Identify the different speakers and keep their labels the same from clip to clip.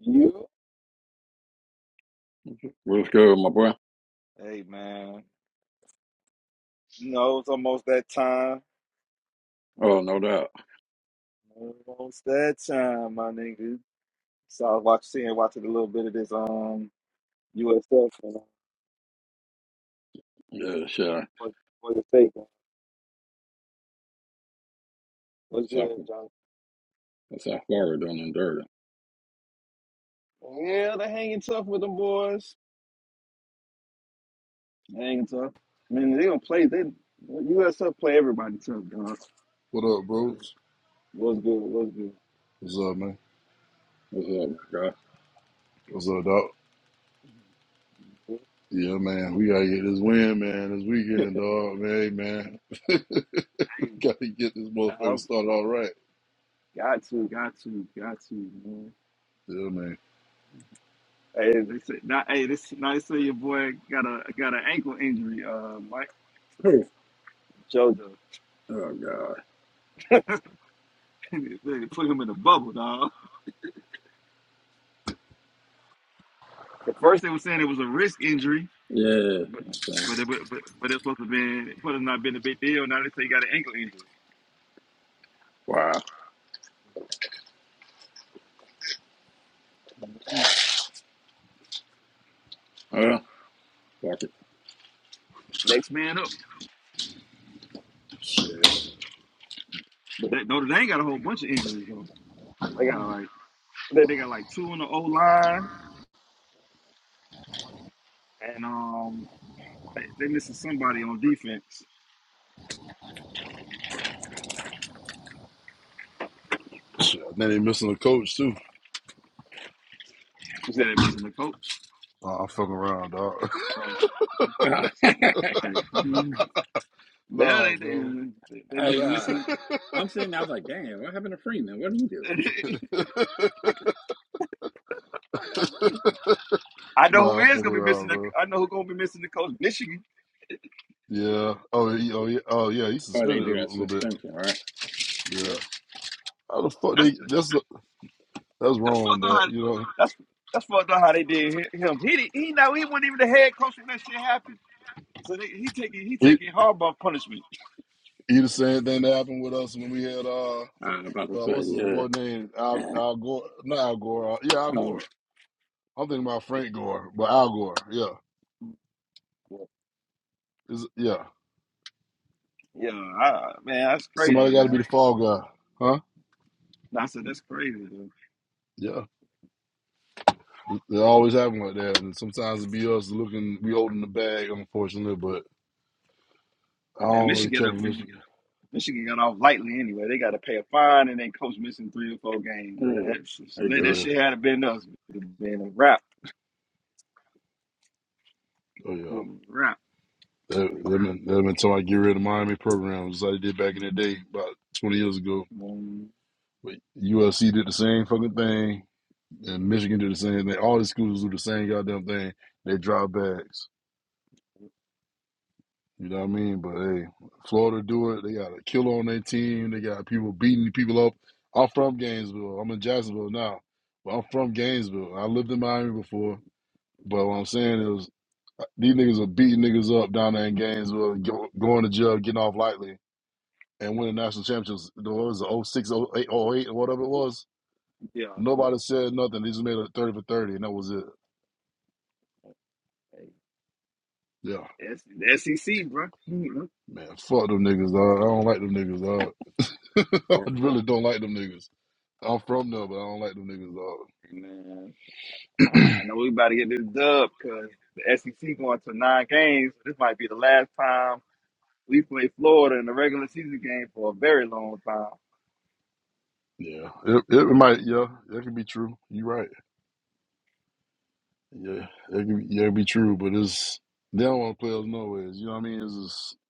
Speaker 1: You?
Speaker 2: What's good, my boy?
Speaker 1: Hey man, you know it's almost that time.
Speaker 2: Oh, no doubt.
Speaker 1: Almost that time, my nigga. So I was watching, seeing, watching a little bit of this um USF and uh,
Speaker 2: Yeah, sure.
Speaker 1: for for the sake. What's
Speaker 2: That's South,
Speaker 1: good, John?
Speaker 2: that's South Florida done them dirty.
Speaker 1: Yeah, they hanging tough with them boys. They hanging tough. I mean, they gonna play. They USF play everybody tough, dog.
Speaker 3: What up, bros?
Speaker 1: What's good? What's good?
Speaker 3: What's up, man?
Speaker 2: What's up, my guy?
Speaker 3: What's up, dog? Yeah, man, we gotta get this win, man, this weekend, dog, man, hey, man.
Speaker 1: Hey,
Speaker 3: gotta get this
Speaker 1: I've
Speaker 3: motherfucker started all right.
Speaker 1: got to, got to, got to. man.
Speaker 3: Yeah, man.
Speaker 1: Hey, this not hey, this now they say your boy got a got an ankle injury. Uh, Mike
Speaker 2: Hey.
Speaker 1: JoJo,
Speaker 2: Oh, God.
Speaker 1: they put him in a bubble, dog. At first they were saying it was a wrist injury,
Speaker 2: Yeah.
Speaker 1: but
Speaker 2: That's
Speaker 1: but it, but but but it's supposed to been it have not been a big deal. Now they say he got an ankle injury.
Speaker 2: Wow.
Speaker 1: Mhm.
Speaker 2: Well, fuck it.
Speaker 1: Next man up.
Speaker 3: Shit.
Speaker 1: But that, Notre Dame got a whole bunch of injuries though. They got like they, they got like two on the O line, and um they, they missing somebody on defense.
Speaker 3: Shit. I think they missing a coach, too.
Speaker 1: You said they missing the coach.
Speaker 3: Nah, I'm fucking around, dog.
Speaker 1: Uh, hey. Now
Speaker 3: nah,
Speaker 1: they they
Speaker 3: bro.
Speaker 1: they, they
Speaker 2: Uh, hey,
Speaker 1: been
Speaker 2: uh,
Speaker 1: missing.
Speaker 2: I'm sitting there, I was like, damn, what happened to Freeman? What do you do?
Speaker 1: I know who
Speaker 3: Nah, I'm
Speaker 1: is
Speaker 3: fucking
Speaker 1: gonna be missing.
Speaker 3: around,
Speaker 1: The,
Speaker 3: bro.
Speaker 1: I know who gonna be missing the coach. Michigan.
Speaker 3: Yeah. Oh, he, oh, yeah. Oh, yeah. He
Speaker 2: Oh, they
Speaker 3: suspended a
Speaker 2: do
Speaker 3: l-
Speaker 2: that
Speaker 3: little bit.
Speaker 2: suspension, right?
Speaker 3: Yeah.
Speaker 1: Yep.
Speaker 3: How the fuck
Speaker 1: That's
Speaker 3: they? That's that's
Speaker 1: that's
Speaker 3: wrong,
Speaker 1: fucked up.
Speaker 3: dog.
Speaker 1: How
Speaker 3: You know,
Speaker 1: that's that's fucked up how they did hi- him. He did he know he wasn't even the head coach when that shit happened. So they, he taking he
Speaker 3: he
Speaker 1: taking Harbaugh punishment.
Speaker 3: he the same thing that happened with us when we had uh
Speaker 2: I'm about to
Speaker 3: Uh,
Speaker 2: say,
Speaker 3: what's his boy
Speaker 2: yeah.
Speaker 3: name? Al, Al Gore? Not Al Gore. Uh, yeah, Al
Speaker 2: Um,
Speaker 3: Gore. I'm thinking about Frank Gore, but Al Gore. Yeah,
Speaker 1: Yeah,
Speaker 3: is yeah.
Speaker 1: yeah, I, man, that's crazy,
Speaker 3: Somebody got to
Speaker 1: man.
Speaker 3: be the fall guy, huh?
Speaker 1: And I said that's crazy, dude.
Speaker 3: Yeah, they always happen like that, and sometimes it be us looking, we holding the bag, unfortunately. But I
Speaker 1: Man,
Speaker 3: don't really
Speaker 1: Michigan
Speaker 3: care for
Speaker 1: uh,
Speaker 3: Michigan.
Speaker 1: Michigan got off lightly anyway. They got to pay a fine and then coach missing three or four games. Man,
Speaker 2: yeah.
Speaker 1: that's-
Speaker 2: Hey,
Speaker 1: let that
Speaker 2: good.
Speaker 3: Yeah,
Speaker 1: shit had been us. It would have been a wrap.
Speaker 3: oh yeah.
Speaker 1: With rap.
Speaker 3: They've they been, they've been talking about get rid of Miami program, just like they did back in the day, about 20 years ago.
Speaker 1: Mm,
Speaker 3: But USC did the same fucking thing, and Michigan did the same thing. All these schools do the same goddamn thing. They drop bags. You know what I mean? But hey, Florida do it. They got a killer on their team. They got people beating people up. I'm from Gainesville. I'm in Jacksonville now, but I'm from Gainesville. I lived in Miami before, but what I'm saying is uh, these niggas are beating niggas up down there in Gainesville, go, going to jail, getting off lightly, and winning national championships. What was it, oh 06, oh 08, oh eight, or whatever it was?
Speaker 1: yeah, yeah.
Speaker 3: Nobody said nothing. They just made a 30 for 30, and that was it.
Speaker 1: Hey,
Speaker 3: Yeah,
Speaker 1: S- the SEC, bro. Mhm.
Speaker 3: man, fuck them niggas, dog. I don't like them niggas, dog. I
Speaker 2: Or,
Speaker 3: really don't like them niggas. I'm from there, but I don't like them niggas,
Speaker 1: And man,
Speaker 3: dog.
Speaker 1: I know we about to get this dub because the SEC going to nine games. This might be the last time we play Florida in the regular season game for a very long time.
Speaker 3: yeah, it, it might. Yeah, that could be true. You right. Yeah, it could. yeah, it be true. But it's they don't want to play us nowhere. You know what I mean? It's just,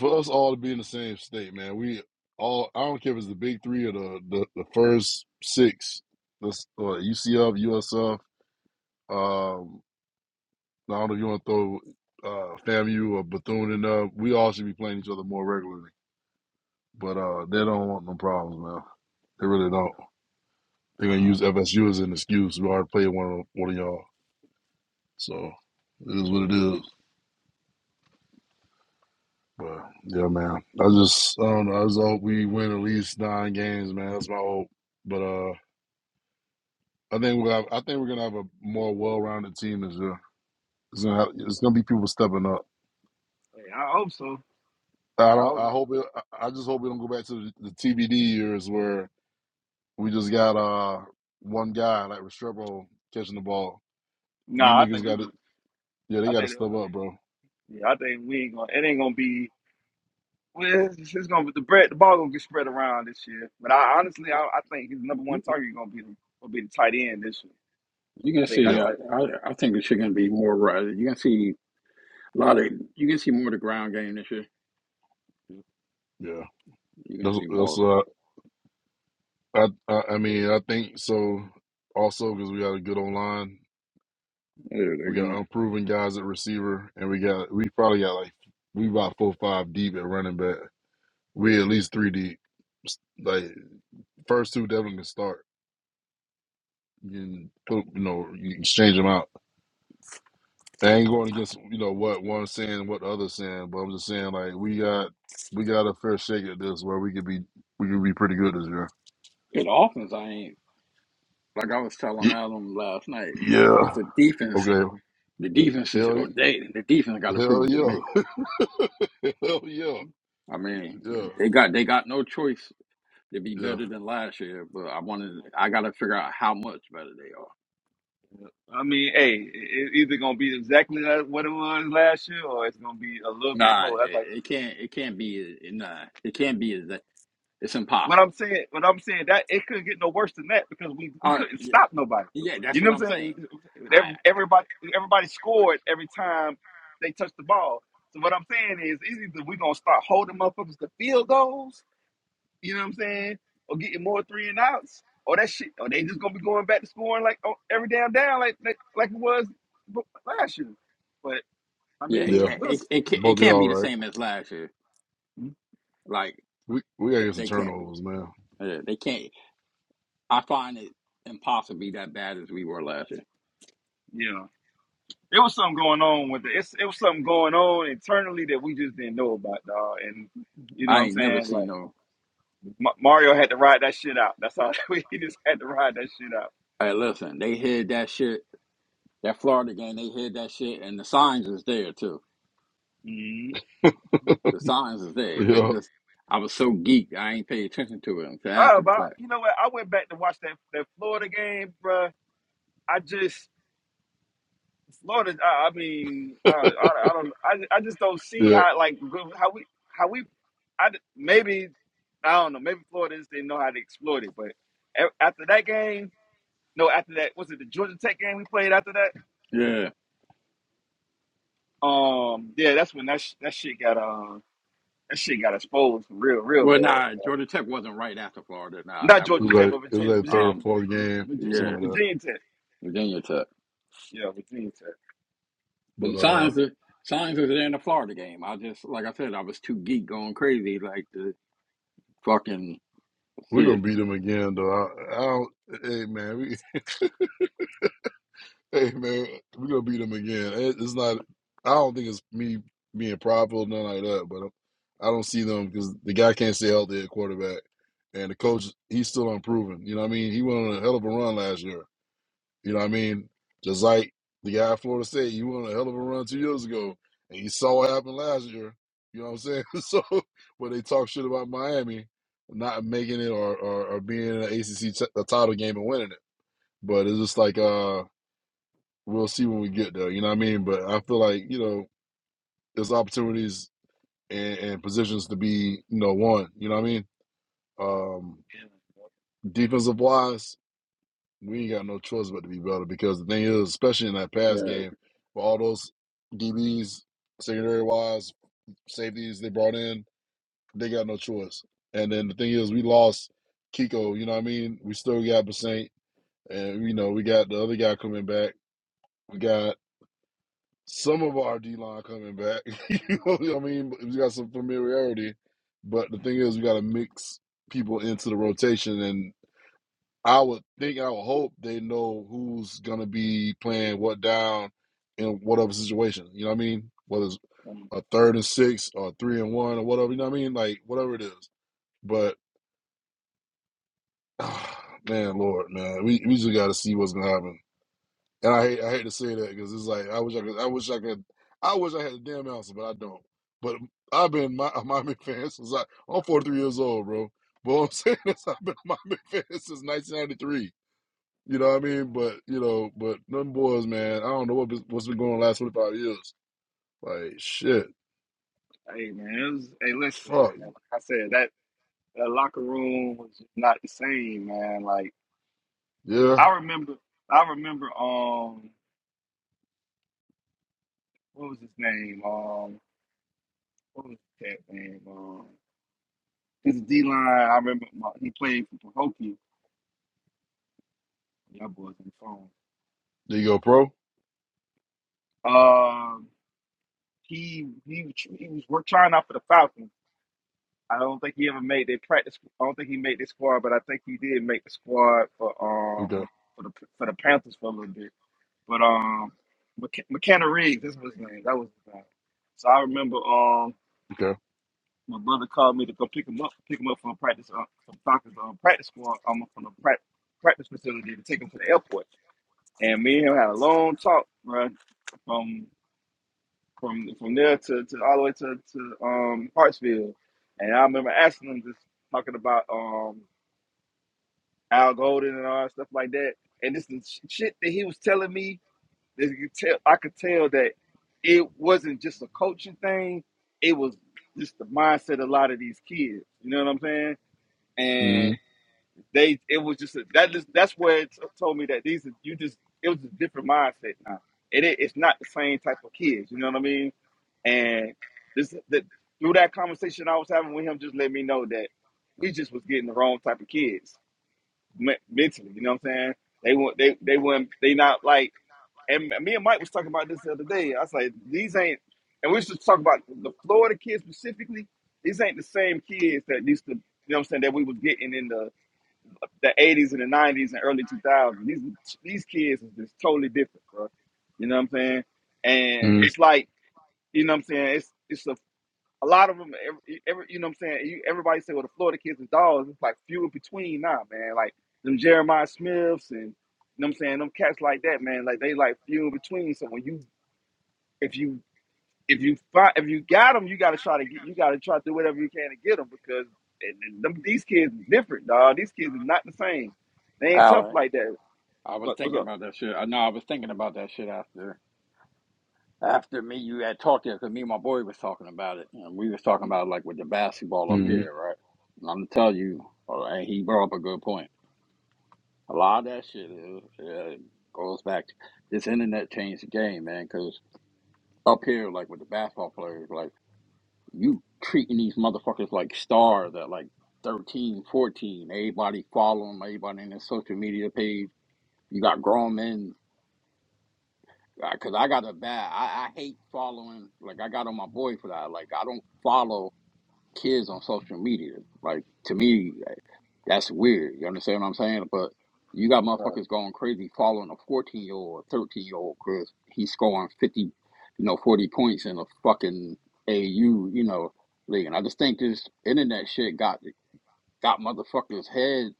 Speaker 3: for us all to be in the same state, man. We all. I don't care if it's the big three or the the, the first six. That's uh, UCF, USF. Um, I don't know if you want to throw uh, FAMU or Bethune in there. We all should be playing each other more regularly. But uh, they don't want no problems, man. They really don't. They're gonna
Speaker 1: Uh,
Speaker 3: use FSU as an excuse. We already played one of one of y'all, so it is what it is. But yeah, man, I just I don't know. I just hope we win at least nine games, man. That's my hope. But uh, I think we'll have, I think we're gonna have a more well-rounded team this year. It's gonna have, it's gonna be people stepping up.
Speaker 1: hey, I hope so.
Speaker 3: I
Speaker 1: I
Speaker 3: don't.
Speaker 1: hope.
Speaker 3: I
Speaker 1: I,
Speaker 3: hope. It, I I just hope we don't go back to the, the TBD years where we just got uh one guy like Restrepo catching the ball. These
Speaker 1: nah, I
Speaker 3: niggas
Speaker 1: think we
Speaker 3: got to.
Speaker 1: going.
Speaker 3: Yeah, they
Speaker 1: I
Speaker 3: got to
Speaker 1: think.
Speaker 3: step up, bro.
Speaker 1: Yeah, I think we ain't gonna. It ain't gonna be. Well, it's, it's gonna be the bread. The ball gonna get spread around this year. But I honestly, I,
Speaker 2: uh,
Speaker 1: I think his number one
Speaker 2: you,
Speaker 1: target gonna be the, gonna be the tight end this year.
Speaker 2: you can
Speaker 1: I think
Speaker 2: see,
Speaker 1: that's
Speaker 3: Yeah,
Speaker 2: uh,
Speaker 1: like,
Speaker 2: I, I think it's going to be more, right. you can see a lot of, you can see more of the ground game this year.
Speaker 3: yeah.
Speaker 2: You're gonna
Speaker 3: That's
Speaker 2: see
Speaker 3: that's.
Speaker 2: more.
Speaker 3: uh. I, I I mean, I think so. Also, because we got a good online,
Speaker 2: They're, they're
Speaker 3: we got
Speaker 2: gonna.
Speaker 3: unproven guys at receiver, and we got we probably got like we about four or five deep at running back. We at least three deep. S- Like first two definitely can start. You can put you know you can change them out. I ain't going against you know what one's saying and what the other's saying, but I'm just saying like we got we got a fair shake at this where we could be we could be pretty good this year.
Speaker 2: The offense, I ain't like I was telling
Speaker 3: Y-
Speaker 2: Adam last night. It's
Speaker 3: Yeah.
Speaker 2: the defense.
Speaker 3: Okay.
Speaker 2: The defense is
Speaker 3: Hell
Speaker 2: or they. The defense got to
Speaker 3: hell
Speaker 2: prove it to me.
Speaker 3: yeah. hell yeah.
Speaker 2: I mean,
Speaker 3: Yeah,
Speaker 2: they got they got no choice to be
Speaker 3: yeah,
Speaker 2: better than last year. But I wanted. I got to figure out how much better they are.
Speaker 1: I mean, hey, it- it's either gonna be exactly like what it was last year, or it's gonna be a little bit
Speaker 2: Nah,
Speaker 1: more. That's
Speaker 2: it,
Speaker 1: like
Speaker 2: it can't. It can't be. Nah, it can't be. as that- It's
Speaker 1: what
Speaker 2: impossible.
Speaker 1: I'm saying. What I'm saying that it couldn't get no worse than that because we we
Speaker 2: Uh,
Speaker 1: couldn't
Speaker 2: y-
Speaker 1: stop nobody.
Speaker 2: yeah, that's
Speaker 1: You know
Speaker 2: what
Speaker 1: what
Speaker 2: I'm
Speaker 1: I'm
Speaker 2: saying.
Speaker 1: saying?
Speaker 2: I
Speaker 1: Every- Everybody everybody scored every time they touched the ball. So what I'm saying is, it's either we gonna start holding motherfuckers to field goals, You know what I'm saying? Or getting more three and outs. Or that shit. Or they just gonna be going back to scoring like on every damn down like like, like it was b- last year. But I
Speaker 2: yeah, it,
Speaker 3: yeah.
Speaker 1: mean, we'll
Speaker 2: it,
Speaker 1: s-
Speaker 2: it, can it
Speaker 3: Both of
Speaker 2: can't
Speaker 3: y'all
Speaker 2: be the
Speaker 3: right.
Speaker 2: same as last year. Like
Speaker 3: We we gotta get some
Speaker 2: they can't be.
Speaker 3: turnovers, man.
Speaker 2: Yeah, they can't. I find it impossible to be that bad as we were last year.
Speaker 1: yeah. There was something going on with it. It's, it was something going on internally that we just didn't know about, dog. And you know what
Speaker 2: I
Speaker 1: I'm
Speaker 2: ain't never
Speaker 1: saying?
Speaker 2: seen
Speaker 1: Like
Speaker 2: no.
Speaker 1: Ma- Mario had to ride that shit out. That's all. We he just had to ride that shit out.
Speaker 2: Hey, listen, they hid that shit. That Florida game, they hid that shit, and the signs is there too.
Speaker 1: Mhm.
Speaker 2: The signs is there, but
Speaker 3: Yeah,
Speaker 2: just I was so geeked, I ain't paid attention to it until
Speaker 1: Oh,
Speaker 2: after the
Speaker 1: but
Speaker 2: fact.
Speaker 1: you know what? I went back to watch that that Florida game, bruh. I just Florida, I, I mean, uh, I, I don't, I, I just don't see
Speaker 3: yeah.
Speaker 1: how like go- how we how we, I d- maybe I don't know, maybe Florida just didn't know how to exploit it. But a- after that game, no, after that was it the Georgia Tech game we played after that?
Speaker 2: Yeah.
Speaker 1: Um, yeah, that's when that sh- that shit got uh that shit got exposed for real, real
Speaker 2: Well,
Speaker 1: bad.
Speaker 2: nah,
Speaker 1: Like,
Speaker 2: Georgia Tech wasn't right after Florida. Nah,
Speaker 1: not
Speaker 2: that
Speaker 3: It
Speaker 2: was
Speaker 1: Georgia
Speaker 3: was
Speaker 1: Tech,
Speaker 3: like
Speaker 1: but
Speaker 3: it was
Speaker 1: Virginia,
Speaker 3: like
Speaker 1: Virginia,
Speaker 3: third or
Speaker 2: um,
Speaker 3: fourth game,
Speaker 1: Virginia,
Speaker 2: yeah,
Speaker 3: something like that.
Speaker 1: Virginia Tech.
Speaker 2: Virginia Tech.
Speaker 1: Yeah, Virginia Tech.
Speaker 2: But
Speaker 3: But
Speaker 2: the
Speaker 3: uh,
Speaker 2: signs, the signs was there in the Florida game. I just, like I said, I was too geek going crazy, like the fucking
Speaker 3: we're gonna
Speaker 2: shit.
Speaker 3: beat them again, though. I, I don't. Hey, man. We hey, man. We're gonna beat them again. It, it's not. I don't think it's me being prideful, nothing like that. But I don't see them because the guy can't stay healthy at quarterback, and the coach he's still unproven. You know what I mean? He went on a hell of a run last year. You know what I mean? Just like the guy at Florida State, you won a hell of a run two years ago, and you saw what happened last year. You know what I'm saying? So when they talk shit about Miami not making it or or, or being in an ACC t- a title game and winning it, but it's just like uh we'll see when we get there. You know what I mean? But I feel like you know there's opportunities and, and positions to be you know won. You know what I mean? Um,
Speaker 1: Yeah,
Speaker 3: defensive wise. we ain't got no choice but to be better because the thing is, especially in that pass
Speaker 2: Yeah.
Speaker 3: game, for all those DBs, secondary wise, safeties they brought in, they got no choice. And then the thing is, we lost Kiko. You know what I mean? We still got Basaint, and you know we got the other guy coming back. We got some of our D line coming back. you know what I mean? We got some familiarity, but the thing is, we got to mix people into the rotation, and. I would think, I would hope they know who's gonna be playing what down in whatever situation. You know what I mean? Whether it's
Speaker 1: um,
Speaker 3: a third and six or three and one or whatever. You know what I mean? Like whatever it is. But man, Lord, man, we we just got to see what's gonna happen. And I hate I hate to say that because it's like I wish I could I wish I could I wish I had a damn answer, but I don't. But I've been my a Miami fan since I I'm 43 years old, bro. But what I'm saying is I've been a Miami fan since 1993. You know what I
Speaker 1: yeah,
Speaker 3: mean? But you know,
Speaker 1: yeah.
Speaker 3: but them boys, man, I don't know what been- what's been going on the last twenty five years. Like shit,
Speaker 1: Hey man, it was, hey listen,
Speaker 3: fuck
Speaker 1: man. Like I said that. that locker room was not the same, man. Like
Speaker 3: yeah.
Speaker 1: I remember, I remember, um, what was his name? Um, what was that name? Um, his D line. I remember my, he played for Pahokee. Y'all boys on
Speaker 3: There you go, pro.
Speaker 1: the phone. Um, he he was- he was work trying out for the Falcons. I don't think he ever made their practice. I don't think he made the squad, but I think he did make the squad for um
Speaker 3: Okay,
Speaker 1: for the for the Panthers for a little bit. But um, Mc- McKenna Riggs, that's what his name. That was his name. So I remember um,
Speaker 3: okay.
Speaker 1: my brother called me to go pick him up, pick him up from practice, uh, from soccer's um, practice squad, um, from the prac- practice facility to take him to the airport. And me and him had a long talk, bro, from from from there to, to all the way to to um Hartsfield. And I remember asking him just talking about um Al Golden and all that stuff like that. And this is shit that he was telling me that you tell I could tell that it wasn't just a coaching thing, it was just the mindset of a lot of these kids. You know what I'm saying? And
Speaker 3: Mm,
Speaker 1: they it was just a, that is that's where it t- told me that these are you just it was a different mindset now. And it, i- it's not the same type of kids, you know what I mean? And this that through that conversation I was having with him just let me know that we just was getting the wrong type of kids me- mentally, you know what I'm saying? They want they they weren't they not like and me and Mike was talking about this the other day. I was like, these ain't, and we should talk about the Florida kids specifically. These ain't the same kids that used to, you know what I'm saying, that we was getting in the, the 80s and the 90s and early 2000s. These these kids is just totally different, bro. You know what I'm saying? And
Speaker 3: mm,
Speaker 1: it's like, you know what I'm saying? It's it's a, a lot of them, every, every, you know what I'm saying? You, everybody say, well, the Florida kids is dogs. It's like few in between now, man. Like them Jeremiah Smiths and you know what I'm saying? Them cats like that, man, like they like few in between. So when you if you if you find if you got them, you got to try to get you got to try to do whatever you can to get them because and, and them, these kids is different, dog. These kids are not the same. They ain't tough
Speaker 2: Allen
Speaker 1: like that.
Speaker 2: I was
Speaker 1: What, what's
Speaker 2: thinking
Speaker 1: up?
Speaker 2: about that shit. I know I was thinking about that shit after after me you had talked to because me and my boy was talking about it and we was talking
Speaker 1: Mhm.
Speaker 2: about like with the basketball up
Speaker 3: mm,
Speaker 2: here, right? And I'm gonna tell you, all right, he brought up a good point. A lot of that shit is, uh, goes back to this internet changed the game, man. Because up here, like with the basketball players, like you treating these motherfuckers like stars at like thirteen, fourteen, 14. Everybody following 'em, everybody in their social media page. You got grown men because I got a bad. I, I hate following. Like I got on my boy for that. Like I don't follow kids on social media. Like to me, eh, that's weird. You understand what I'm saying? But you got
Speaker 1: All Right.
Speaker 2: motherfuckers going crazy following a 14 year old, 13 year old because he's scoring 50, you know, 40 points in a fucking AU, you know, league. And I just think this internet shit got got motherfuckers head.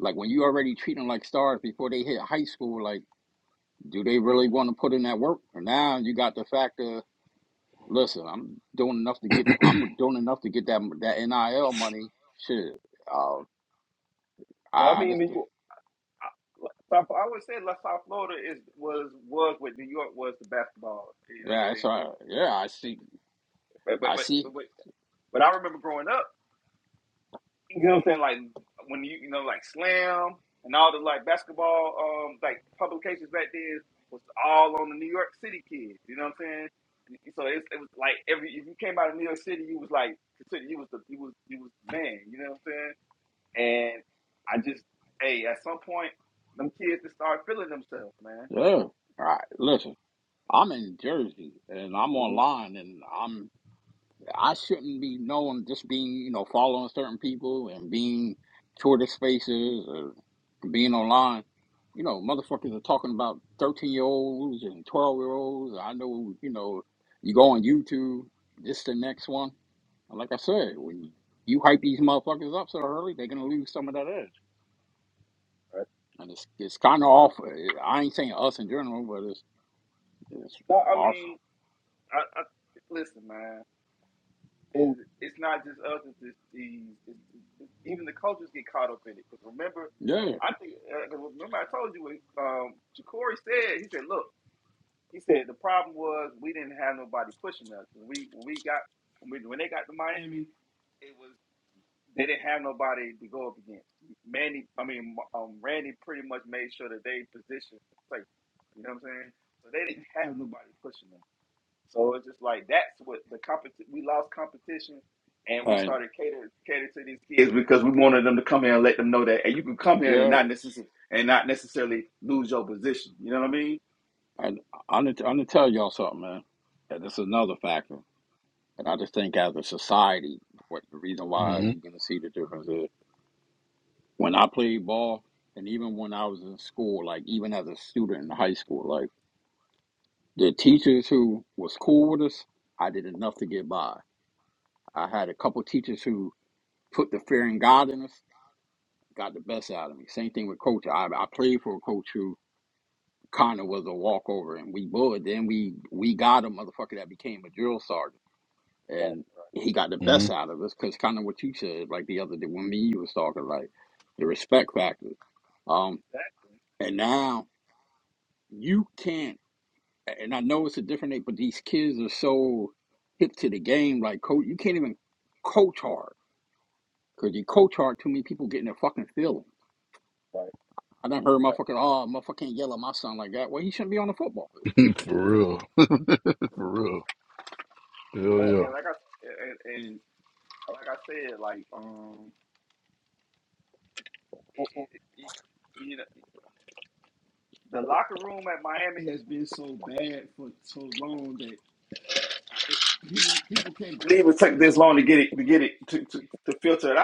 Speaker 2: Like when you already treat them like stars before they hit high school, like do they really
Speaker 1: Mm-hmm.
Speaker 2: want to put in that work? And now you got the factor. Listen, I'm doing enough to get. I'm doing enough to get that that NIL money. Shit, uh,
Speaker 1: Well, I
Speaker 2: I, I
Speaker 1: mean,
Speaker 2: just
Speaker 1: New York, I, South, I would say La South Florida is was was what New York was to basketball. You know what I'm
Speaker 2: yeah, it's all
Speaker 1: saying?
Speaker 2: right. Yeah, I see.
Speaker 1: But but
Speaker 2: I see.
Speaker 1: but but, but I remember growing up. You know what I'm saying? Like when you you know like Slam and all the like basketball um like publications back then was all on the New York City kids. You know what I'm saying? So it's, it was like every if you came out of New York City, you was like considered you was the you was you was the man. You know what I'm saying? And I just hey at some point them kids just start feeling themselves, man.
Speaker 2: Yeah, all right. Listen, I'm in Jersey and I'm
Speaker 1: hmm
Speaker 2: online, and I'm I shouldn't be known just being you know following certain people and being Twitter Spaces. or. being online, you know, motherfuckers are talking about 13 year olds and 12 year olds. I know, you know, you go on YouTube, this the next one. Like I said, when you hype these motherfuckers up so early, they're going to lose some of that edge.
Speaker 1: Right.
Speaker 2: And it's it's kind of off. I ain't saying us in general, but it's it's
Speaker 1: Well, I
Speaker 2: off.
Speaker 1: mean, I, I listen, man. And it's not just us; it's, it's the it's, it's, even the coaches get caught up in it. 'Cause remember,
Speaker 2: Yeah.
Speaker 1: I think uh, 'cause remember I told you what um, Ja'Cory said. He said, "Look, he said the problem was we didn't have nobody pushing us. When we when we got when, we, when they got to Miami, it was they didn't have nobody to go up against. Manny, I mean, um, Randy pretty much made sure that they positioned safe. You know what I'm saying? So they didn't have nobody pushing them." So it's just like that's what the competition. We lost competition, and we
Speaker 2: And
Speaker 1: started catering catering to these kids because we wanted them to come here and let them know that, and you can come here and
Speaker 2: yeah.
Speaker 1: not necessarily and not necessarily lose your position. You know what I mean?
Speaker 2: And I'm going to I'm to tell y'all something, man. And this is another factor. And I just think as a society, what the reason why
Speaker 3: mm,
Speaker 2: you're going to see the difference is. When I played ball, and even when I was in school, like even as a student in high school, like the teachers who was cool with us, I did enough to get by. I had a couple teachers who put the fear in God in us, got the best out of me. Same thing with coach. I, I played for a coach who kind of was a walkover, and we bullied. Then we we got a motherfucker that became a drill sergeant,
Speaker 1: Right.
Speaker 2: and he got the best
Speaker 3: mm.
Speaker 2: out of us because kind of what you said, like the other day when me and you was talking, like the respect factor. Um,
Speaker 1: Exactly.
Speaker 2: and now you can't and I know it's a different age, but these kids are so hip to the game, like coach you can't even coach hard. Cause you coach hard, too many people getting in their fucking feelings.
Speaker 1: Right.
Speaker 2: I done heard
Speaker 1: Right.
Speaker 2: motherfucking oh motherfucker can't yell at my son like that. Well he shouldn't be on the football field.
Speaker 3: For real, for real. Hell
Speaker 1: And, and like
Speaker 3: yeah,
Speaker 1: I and, and like I said, like um, it, it, it- you know, the locker room at Miami. It took this long to get it to get it to to, to filter it out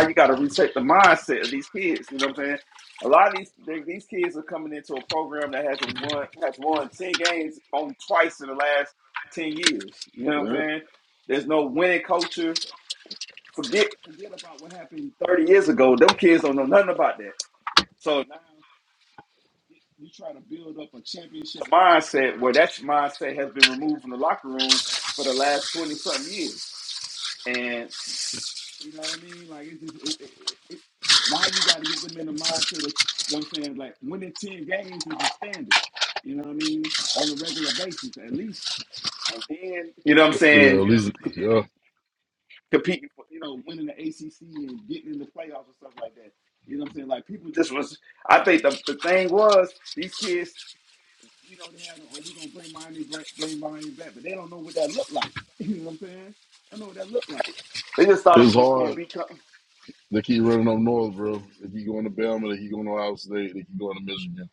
Speaker 1: now you got to recheck the mindset of these kids. You know what I'm saying? A lot of these they, these kids are coming into a program that hasn't won has won ten games only twice in the last ten years. You know what I'm
Speaker 2: Yeah.
Speaker 1: saying? There's no winning culture. Forget three years ago, them kids don't know nothing about that. So mindset, where that mindset has been removed from the locker room for the last twenty something years, and and then you know what I'm
Speaker 3: yeah. At
Speaker 1: saying?
Speaker 3: least yeah,
Speaker 1: Competing. This was I think the the thing was these kids they just thought it
Speaker 3: it's
Speaker 1: was just gonna
Speaker 3: hard.
Speaker 1: be uh,
Speaker 3: They keep running up north, bro. They keep going to Bama. They keep going to Ohio State. They keep going to Michigan.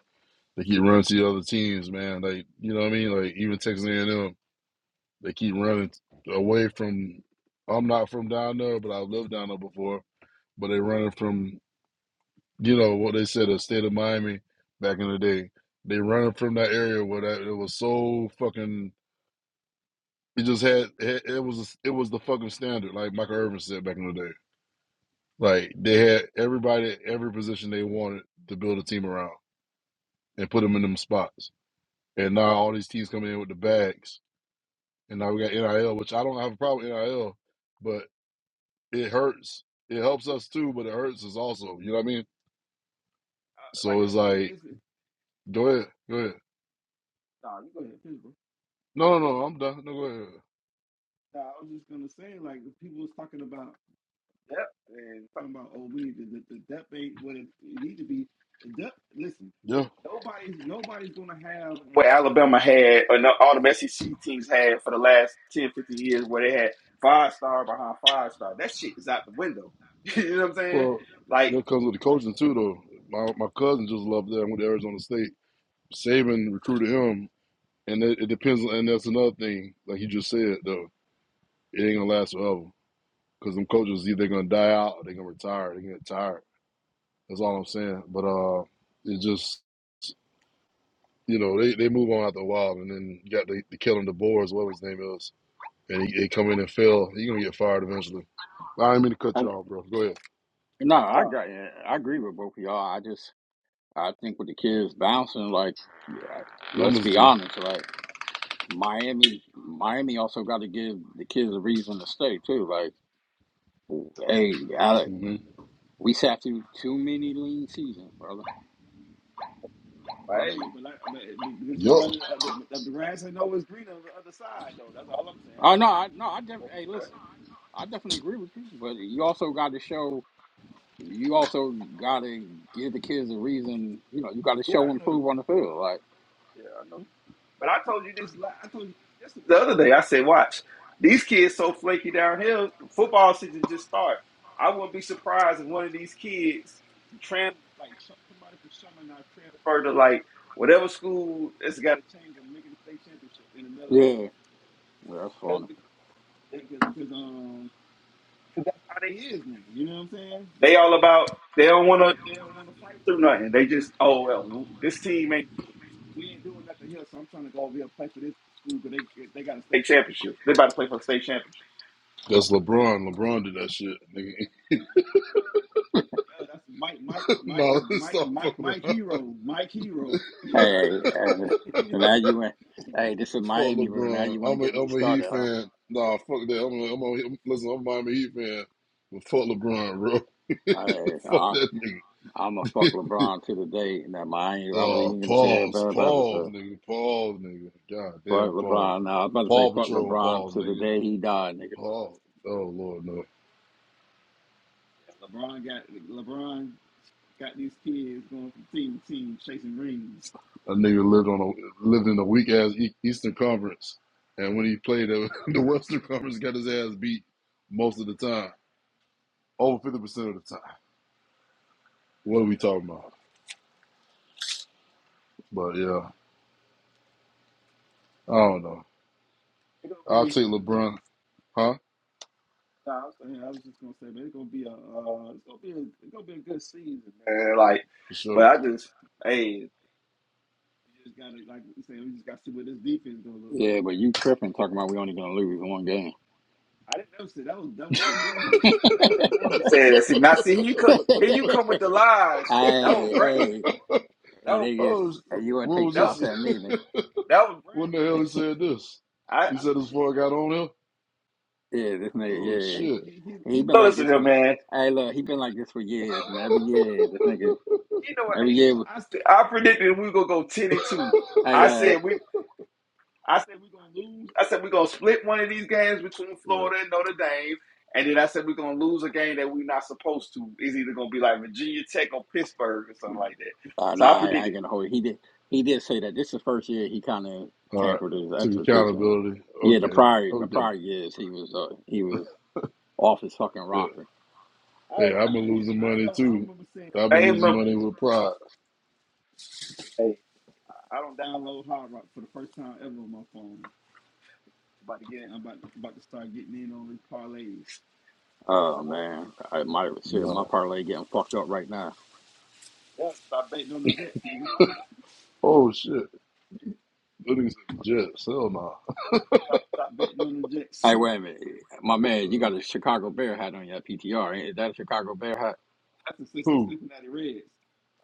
Speaker 3: They keep running to the other teams, man. Like you know what I mean? Like even Texas A&M. They keep running away from. I'm not from down there, but I've lived down there before. But they running from, you know, what they said, the state of Miami back in the day. They running from that area where that it was so fucking. It just had it, it was it was the fucking standard, like Michael Irvin said back in the day. Like they had everybody, at every position they wanted to build a team around and put them in them spots. And now all these teams coming in with the bags, and now we got NIL, which I don't have a problem with NIL, it hurts. It helps us too, but it hurts us also. You know what I mean?
Speaker 1: like
Speaker 3: So it's like, go ahead, go ahead.
Speaker 1: Nah, you go to
Speaker 3: No, no, no, I'm done. No, go ahead.
Speaker 1: depth and about oh, we need to look the depth but it, it need to be. The depth. Listen,
Speaker 3: Yeah.
Speaker 1: nobody's gonna have what Alabama had, or no, all the SEC teams had for the last 10, 15 years, where they had five star behind five star. That shit is out the window. you know what I'm saying?
Speaker 3: Well,
Speaker 1: Like,
Speaker 3: that comes with the coaching too, though. My my cousin just loved that. I went to Arizona State. Saban recruited him, and it, it depends. And that's another thing, like you just said, though, it ain't gonna last forever because them coaches either gonna die out or they gonna retire. They get tired. That's all I'm saying. But uh, it just you know they, they move on after a while, and then you got the, the killing the boars, whatever his name is and he, they come in and fail, you're gonna get fired eventually. I didn't mean to cut you
Speaker 2: And
Speaker 3: off, bro. Go ahead.
Speaker 2: no, I
Speaker 1: no,
Speaker 2: got eh, I agree with both of y'all. I just I think with the kids bouncing, like yeah, let's
Speaker 3: Numbers
Speaker 2: be
Speaker 3: do.
Speaker 2: honest, like Miami Miami also got to give the kids a reason to stay too. Like hey,
Speaker 3: hmm
Speaker 2: We sat through too many lean seasons, brother. I
Speaker 1: right?
Speaker 2: mean,
Speaker 3: Yup.
Speaker 1: Green on the other side is all I'm
Speaker 2: oh
Speaker 1: saying.
Speaker 2: no, I, no, I def- hey, listen, I definitely agree with you, but you also got to show, you also got to give the kids a reason. You know, you got to
Speaker 1: Yeah,
Speaker 2: show and prove on the field. Like,
Speaker 1: yeah, I know. But I told you. the other day I said, watch, these kids so flaky downhill, football season just start. I wouldn't be surprised if one of these kids transfer to like whatever school it's got.
Speaker 2: yeah, well, that's funny.
Speaker 1: They all about they don't want to do nothing. They just oh well, this team ain't state championship. They about to play for the state championship.
Speaker 3: That's LeBron. LeBron did that shit. Nigga. no, stop fucking around.
Speaker 2: Hey, hey, hey, and now you went. Hey, this is
Speaker 3: fuck
Speaker 2: Miami room. Now
Speaker 3: LeBron.
Speaker 2: you want
Speaker 3: I'm
Speaker 2: to
Speaker 3: a
Speaker 2: get me
Speaker 3: I'm a Heat
Speaker 2: started, huh?
Speaker 3: fan. Nah, fuck that. I'm a, I'm a listen. I'm a Miami Heat fan, but fuck LeBron, bro.
Speaker 2: Hey,
Speaker 3: fuck
Speaker 2: I,
Speaker 3: that nigga.
Speaker 2: I'm a fuck LeBron to the day. and Now Miami, I was
Speaker 3: Oh,
Speaker 2: even gonna say
Speaker 3: pause,
Speaker 2: about about this.
Speaker 3: pause,
Speaker 2: Uh,
Speaker 3: nigga, pause, nigga. God
Speaker 2: fuck
Speaker 3: damn, pause.
Speaker 2: LeBron. Now I was about to say
Speaker 3: Paw
Speaker 2: fuck
Speaker 3: Patrol,
Speaker 2: LeBron
Speaker 3: pause,
Speaker 2: to the
Speaker 3: nigga.
Speaker 2: day he died, nigga.
Speaker 3: Pause. Oh Lord, no. A nigga lived on a lived in a weak ass E, Eastern Conference, and when he played uh, the Western Conference, got his ass beat most of the time, over fifty percent of the time. What are we talking about? But yeah, I don't know. I'll take LeBron, huh?
Speaker 1: And like,
Speaker 3: For
Speaker 1: but
Speaker 3: sure.
Speaker 1: I just hey,
Speaker 2: Yeah, but you tripping talking about we only gonna lose one game.
Speaker 1: see now see here you come
Speaker 2: hey,
Speaker 1: here you come with the lies. That was great.
Speaker 2: hey, hey,
Speaker 1: That was
Speaker 2: nigga,
Speaker 3: Oh,
Speaker 2: hey, you wanna
Speaker 3: when was
Speaker 2: take
Speaker 1: that was,
Speaker 2: shots at
Speaker 3: this?
Speaker 2: me, man?
Speaker 1: that was
Speaker 3: when the hell he said this?
Speaker 1: I.
Speaker 3: He said this before I got on here.
Speaker 2: Yeah, this
Speaker 3: Oh
Speaker 2: nigga,
Speaker 3: shit.
Speaker 2: yeah, he been
Speaker 1: No,
Speaker 2: like
Speaker 1: listen
Speaker 2: this
Speaker 1: here,
Speaker 2: for.
Speaker 1: man.
Speaker 2: Hey, look, he been like this for years, man. Every year, this nigga,
Speaker 1: He know,
Speaker 2: every
Speaker 1: he
Speaker 2: year,
Speaker 1: know. I st- I predicted we gonna go ten and two.
Speaker 2: I
Speaker 1: I
Speaker 2: uh,
Speaker 1: said we, I said we gonna lose. I said we gonna split one of these games between
Speaker 3: yeah.
Speaker 1: Florida and Notre Dame, and then I said we're gonna lose a game that we're not supposed to. It's either gonna be like Virginia Tech or Pittsburgh or something like that.
Speaker 2: nah,
Speaker 1: So I
Speaker 2: nah, I ain't
Speaker 1: predicted.
Speaker 2: gonna hold. It. He did, he did say that. This is the first year he kind of
Speaker 3: All right.
Speaker 2: tampered his
Speaker 3: Took
Speaker 2: expectations.
Speaker 3: accountability.
Speaker 2: Yeah, the
Speaker 3: Okay.
Speaker 2: prior, the
Speaker 3: Okay.
Speaker 2: prior years he was, uh, he was off his fucking
Speaker 3: Yeah.
Speaker 2: rocker.
Speaker 3: Hey, I've been losing money too. I've been
Speaker 1: Hey,
Speaker 3: losing
Speaker 1: remember,
Speaker 3: money with pride.
Speaker 1: hey, I don't download Hard Rock for the first time ever on my phone. About to get in. I'm about to, about to start getting in on these parlays, but I
Speaker 2: Oh
Speaker 1: won't be.
Speaker 2: man, I, my shit, my
Speaker 3: Nah.
Speaker 2: parlay getting fucked up right now.
Speaker 3: Oh shit. Those niggas said Jets. Hell nah.
Speaker 2: Hey, wait a minute, my man, you
Speaker 3: Uh,
Speaker 2: got a Chicago Bear hat on your PTR. ain't- Is that a Chicago Bear hat?
Speaker 3: who?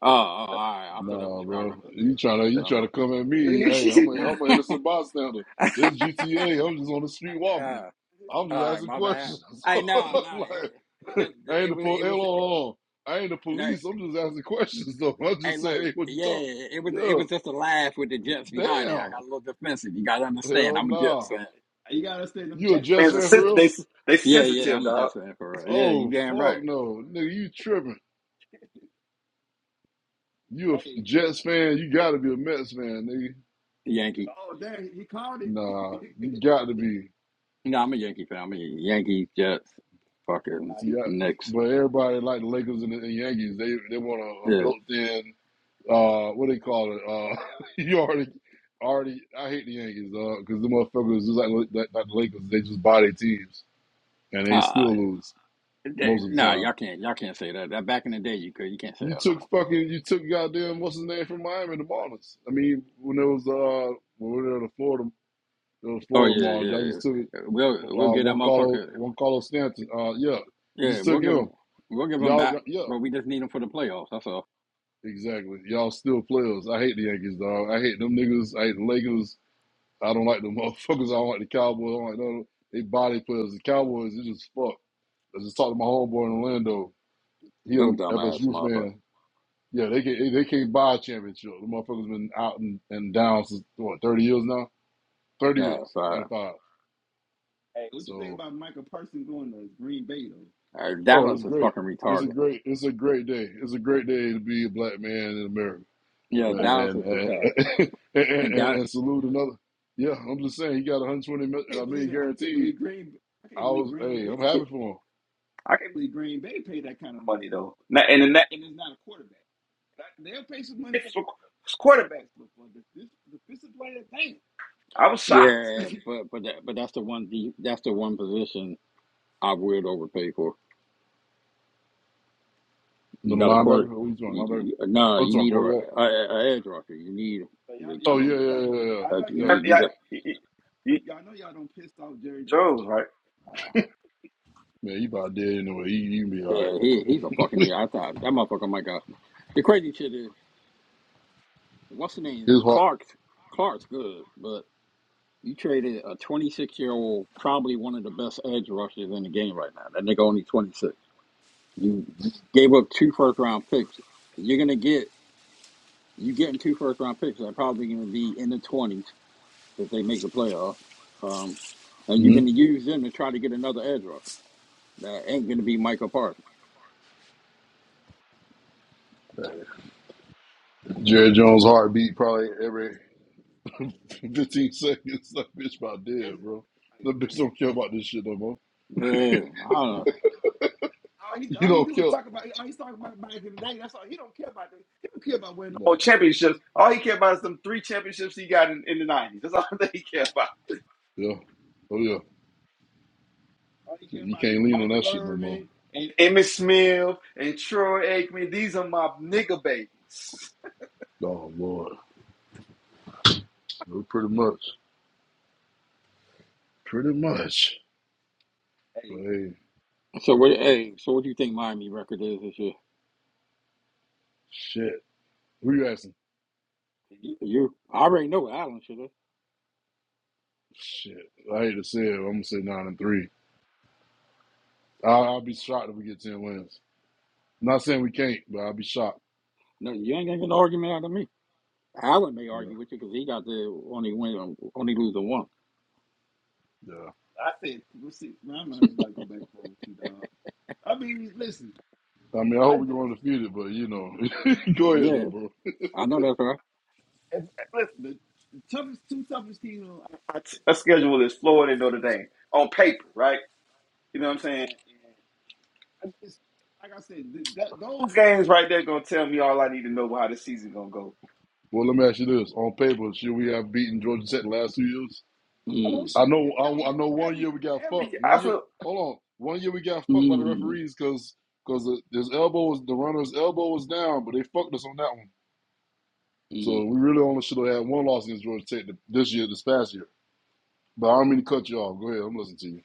Speaker 2: Oh, oh, all
Speaker 1: That's,
Speaker 2: right. I thought that was
Speaker 3: Nah,
Speaker 2: Chicago.
Speaker 3: bro. You trying to you trying
Speaker 2: Um,
Speaker 3: to come at me?
Speaker 1: that's
Speaker 3: Hey, I'm a
Speaker 1: a wrap.
Speaker 3: I'm an innocent bystander. This GTA. I'm just on the street walking.
Speaker 2: uh,
Speaker 3: I'm
Speaker 2: all
Speaker 3: just
Speaker 2: right,
Speaker 3: asking
Speaker 2: my bad.
Speaker 3: questions.
Speaker 2: Hey, nah,
Speaker 3: I'm
Speaker 2: nah. It,
Speaker 3: like,
Speaker 2: the,
Speaker 3: I
Speaker 2: the,
Speaker 3: ain't
Speaker 2: it
Speaker 3: the
Speaker 2: was,
Speaker 3: po-
Speaker 2: it
Speaker 3: hey,
Speaker 2: was.
Speaker 3: hold on, hold on. I ain't the
Speaker 2: No,
Speaker 3: police. I'm just asking questions though. I
Speaker 2: hey,
Speaker 3: just
Speaker 2: look,
Speaker 3: say, hey, what you
Speaker 2: yeah,
Speaker 3: talking?
Speaker 2: it was, it
Speaker 3: Yeah.
Speaker 2: was just a laugh with the Jets behind it. I
Speaker 3: Damn.
Speaker 2: got a little defensive. You got to understand,
Speaker 3: Hell
Speaker 2: I'm a
Speaker 3: nah.
Speaker 2: Jets fan.
Speaker 3: You a Jets
Speaker 1: Man's a,
Speaker 3: fan for
Speaker 1: sen-
Speaker 3: real?
Speaker 1: they they
Speaker 2: Yeah, yeah,
Speaker 1: sensitive
Speaker 2: I'm a
Speaker 1: dog.
Speaker 2: Jets fan for real. Yeah, you
Speaker 3: Oh
Speaker 2: damn right,
Speaker 3: fuck no, nigga, you tripping? You a Jets fan? You got to be a Mets fan, nigga.
Speaker 2: Yankee.
Speaker 3: Nah, you got to be.
Speaker 2: No, I'm a Yankee fan. I'm a Yankee Jets, fucking
Speaker 3: See, I,
Speaker 2: Knicks.
Speaker 3: but everybody like the Lakers and the and Yankees. They they want a, a
Speaker 2: Yeah.
Speaker 3: built-in uh what they call it uh you already already I hate the Yankees uh because the motherfuckers just like, like like the Lakers they just buy their teams and they
Speaker 2: ah,
Speaker 3: still lose
Speaker 2: That-
Speaker 3: most of the
Speaker 2: Nah,
Speaker 3: time.
Speaker 2: y'all can't. Y'all can't say that. that. Back in the day, you could. You can't say
Speaker 3: You
Speaker 2: that no
Speaker 3: took
Speaker 2: more.
Speaker 3: fucking you took goddamn what's his name from Miami the Marlins. I mean when it was uh when we were in the Florida It was
Speaker 2: Oh
Speaker 3: Florida
Speaker 2: yeah,
Speaker 3: Marlins. Y'all
Speaker 2: yeah.
Speaker 3: just took it.
Speaker 2: yeah. We'll we'll
Speaker 3: Uh,
Speaker 2: get that
Speaker 3: one Carlos,
Speaker 2: motherfucker.
Speaker 3: one Carlos Stanton. Uh, yeah, you
Speaker 2: Yeah,
Speaker 3: just
Speaker 2: we'll
Speaker 3: took
Speaker 2: give him.
Speaker 3: him.
Speaker 2: We'll give him
Speaker 3: Y'all, y'all-
Speaker 2: back,
Speaker 3: yeah,
Speaker 2: but we just need him for the playoffs. That's all.
Speaker 3: exactly. Y'all still players. I hate the Yankees, dog. I hate them niggas. I hate the Lakers. I don't like them motherfuckers. I don't like the Cowboys. I don't like none of them. They body players. The Cowboys, they just fuck. I just talked to my homeboy in Orlando. He a
Speaker 2: Them dumbass
Speaker 3: FSU
Speaker 2: motherfucker.
Speaker 3: fan. Yeah, they can, they can't buy a championship. The motherfuckers been out and, and down since what thirty years now. Thirty
Speaker 2: Yeah,
Speaker 3: years,
Speaker 2: so, uh,
Speaker 3: ninety five.
Speaker 1: Hey.
Speaker 3: So
Speaker 2: uh,
Speaker 3: Oh,
Speaker 2: Dallas
Speaker 3: it's
Speaker 2: is
Speaker 3: great.
Speaker 2: fucking
Speaker 3: It's a
Speaker 2: retarded.
Speaker 3: great. It's a great day. It's a great day to be a black man in America,
Speaker 2: Yeah,
Speaker 3: and
Speaker 2: Dallas
Speaker 3: and
Speaker 2: is
Speaker 3: and,
Speaker 2: retarded.
Speaker 3: and,
Speaker 2: And
Speaker 3: and-
Speaker 2: that.
Speaker 3: and salute another. Yeah, I'm just saying he got 120 million. I mean, guaranteed. I was. Hey, I'm happy for him.
Speaker 1: you know. Na- And in that quarter, I was shocked.
Speaker 2: Yeah, but but that, but that's the one. de- That's the one position I would overpay for. You
Speaker 3: Middle
Speaker 2: got a
Speaker 3: linebacker.
Speaker 2: quarter.
Speaker 3: what you talking
Speaker 2: You,
Speaker 3: linebacker?
Speaker 2: you, nah,
Speaker 3: Oh, you
Speaker 2: you
Speaker 3: talking
Speaker 2: need a, a,
Speaker 3: quarterback?
Speaker 2: a edge rusher. You need. like,
Speaker 3: Oh yeah,
Speaker 2: you,
Speaker 3: yeah, yeah, yeah, yeah. Yeah.
Speaker 2: you
Speaker 1: Yeah,
Speaker 2: got.
Speaker 1: he, he, he knows, right?
Speaker 3: Man, he about dead anyway. He he be all right.
Speaker 2: Yeah, he he's a fucking idiot. I thought that motherfucker might go. The crazy shit is, what's the name?
Speaker 3: His heart.
Speaker 2: Clark's Clark's good, but you traded a 26 year old, probably one of the best edge rushers in the game right now. That nigga only 26. You gave up two first round picks. You're gonna get you getting two first round picks. that are probably gonna be in the 20s if they make the playoff. Um, and you're
Speaker 3: hmm
Speaker 2: gonna use them to try to get another edge rusher. That ain't gonna be Michael Parsons.
Speaker 3: Jerry Jones' heartbeat probably every 15 seconds. That bitch about dead, bro. That bitch don't care about this shit no more.
Speaker 2: Yeah, I don't know.
Speaker 3: You don't care.
Speaker 1: More
Speaker 3: No.
Speaker 1: championships. All he cared about is them three championships he got in, in the nineties. That's all that he cared about.
Speaker 3: Yeah. Oh yeah. You can't lean on that shit no more.
Speaker 1: And Emmitt Smith and Troy Aikman. These are my nigga babies.
Speaker 3: Oh Lord. Well, pretty much. Pretty much.
Speaker 1: Hey
Speaker 3: But
Speaker 1: man,
Speaker 3: hey,
Speaker 2: So what? Hey, so what do you think Miami record is this year?
Speaker 3: shit. Who you asking?
Speaker 2: You, I already know what Allen should have.
Speaker 3: Shit. I hate to say it. I'm gonna say nine and three. I I'll be shocked if we get ten wins. I'm not saying we can't, but I'll be shocked.
Speaker 2: No, you ain't gonna get an
Speaker 3: Oh,
Speaker 2: argument out of me. Allen may
Speaker 3: yeah,
Speaker 2: argue with you because he got the only win, only lose the one.
Speaker 3: yeah. I mean I
Speaker 1: I
Speaker 3: hope we
Speaker 1: just
Speaker 3: go undefeated, but you know. go ahead though,
Speaker 2: Yeah,
Speaker 3: bro.
Speaker 2: I know that's right.
Speaker 1: I t- a schedule is Florida and Notre Dame on paper, right? You know what I'm saying? Those games right there gonna tell me all I need to know about how the season gonna go.
Speaker 3: Well let me ask you this. On paper, should we have beaten Georgia Tech the last two years?
Speaker 2: Mm,
Speaker 3: I know. I, I know. One year we got
Speaker 1: Every year,
Speaker 3: fucked.
Speaker 1: I
Speaker 3: One year.
Speaker 1: feel
Speaker 3: Hold on. One year we got fucked by the
Speaker 2: mm,
Speaker 3: referees because because his elbow was the runner's elbow was down, but they fucked us on that one. So
Speaker 2: mm,
Speaker 3: we really only should have had one loss against Georgia Tech this year, this past year. But I don't mean to cut you off. Go ahead. I'm listening to you.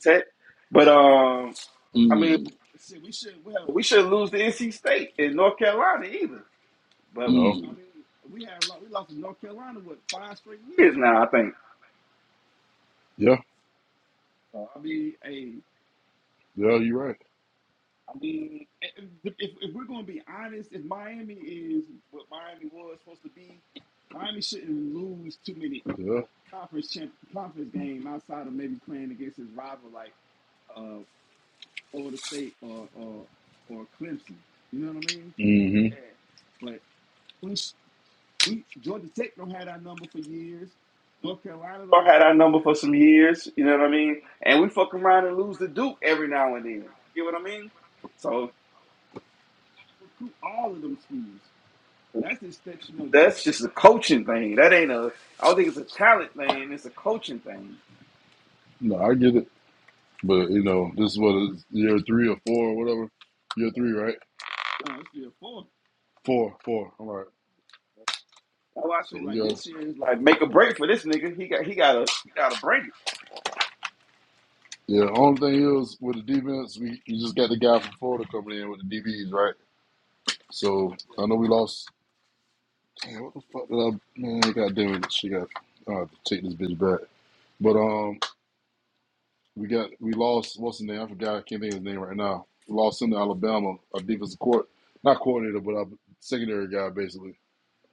Speaker 1: set, but um, I mean.
Speaker 2: mm,
Speaker 1: We shouldn't lose to NC State in North Carolina either. But
Speaker 3: No.
Speaker 2: mm.
Speaker 1: now I think
Speaker 3: Yeah. Yeah. You're right.
Speaker 1: we
Speaker 3: Yeah. Mm-hmm.
Speaker 1: had our number for some years. You know what I mean? And we fuck around and lose to Duke every now and then. You get what I mean? So that's just a coaching thing. That ain't a. I don't think it's a talent thing. It's a coaching thing.
Speaker 3: No, I get it. But you know, this is what it is year three or four or whatever. Year three,
Speaker 1: uh,
Speaker 3: right? Four. Four. All right. So we got
Speaker 1: Like make a break for this nigga. He got he got a he got a break
Speaker 3: Yeah, only thing is with the defense, we you just got the guy from Florida coming in with the DBs, right? So I know we lost. Damn, what the fuck did I man? God damn it, she got. I have to take this bitch back. But um, we got we lost. What's his name? I forgot. I can't think of his name right now. We lost him to Alabama. Our defensive court, not coordinator, but our secondary guy, basically,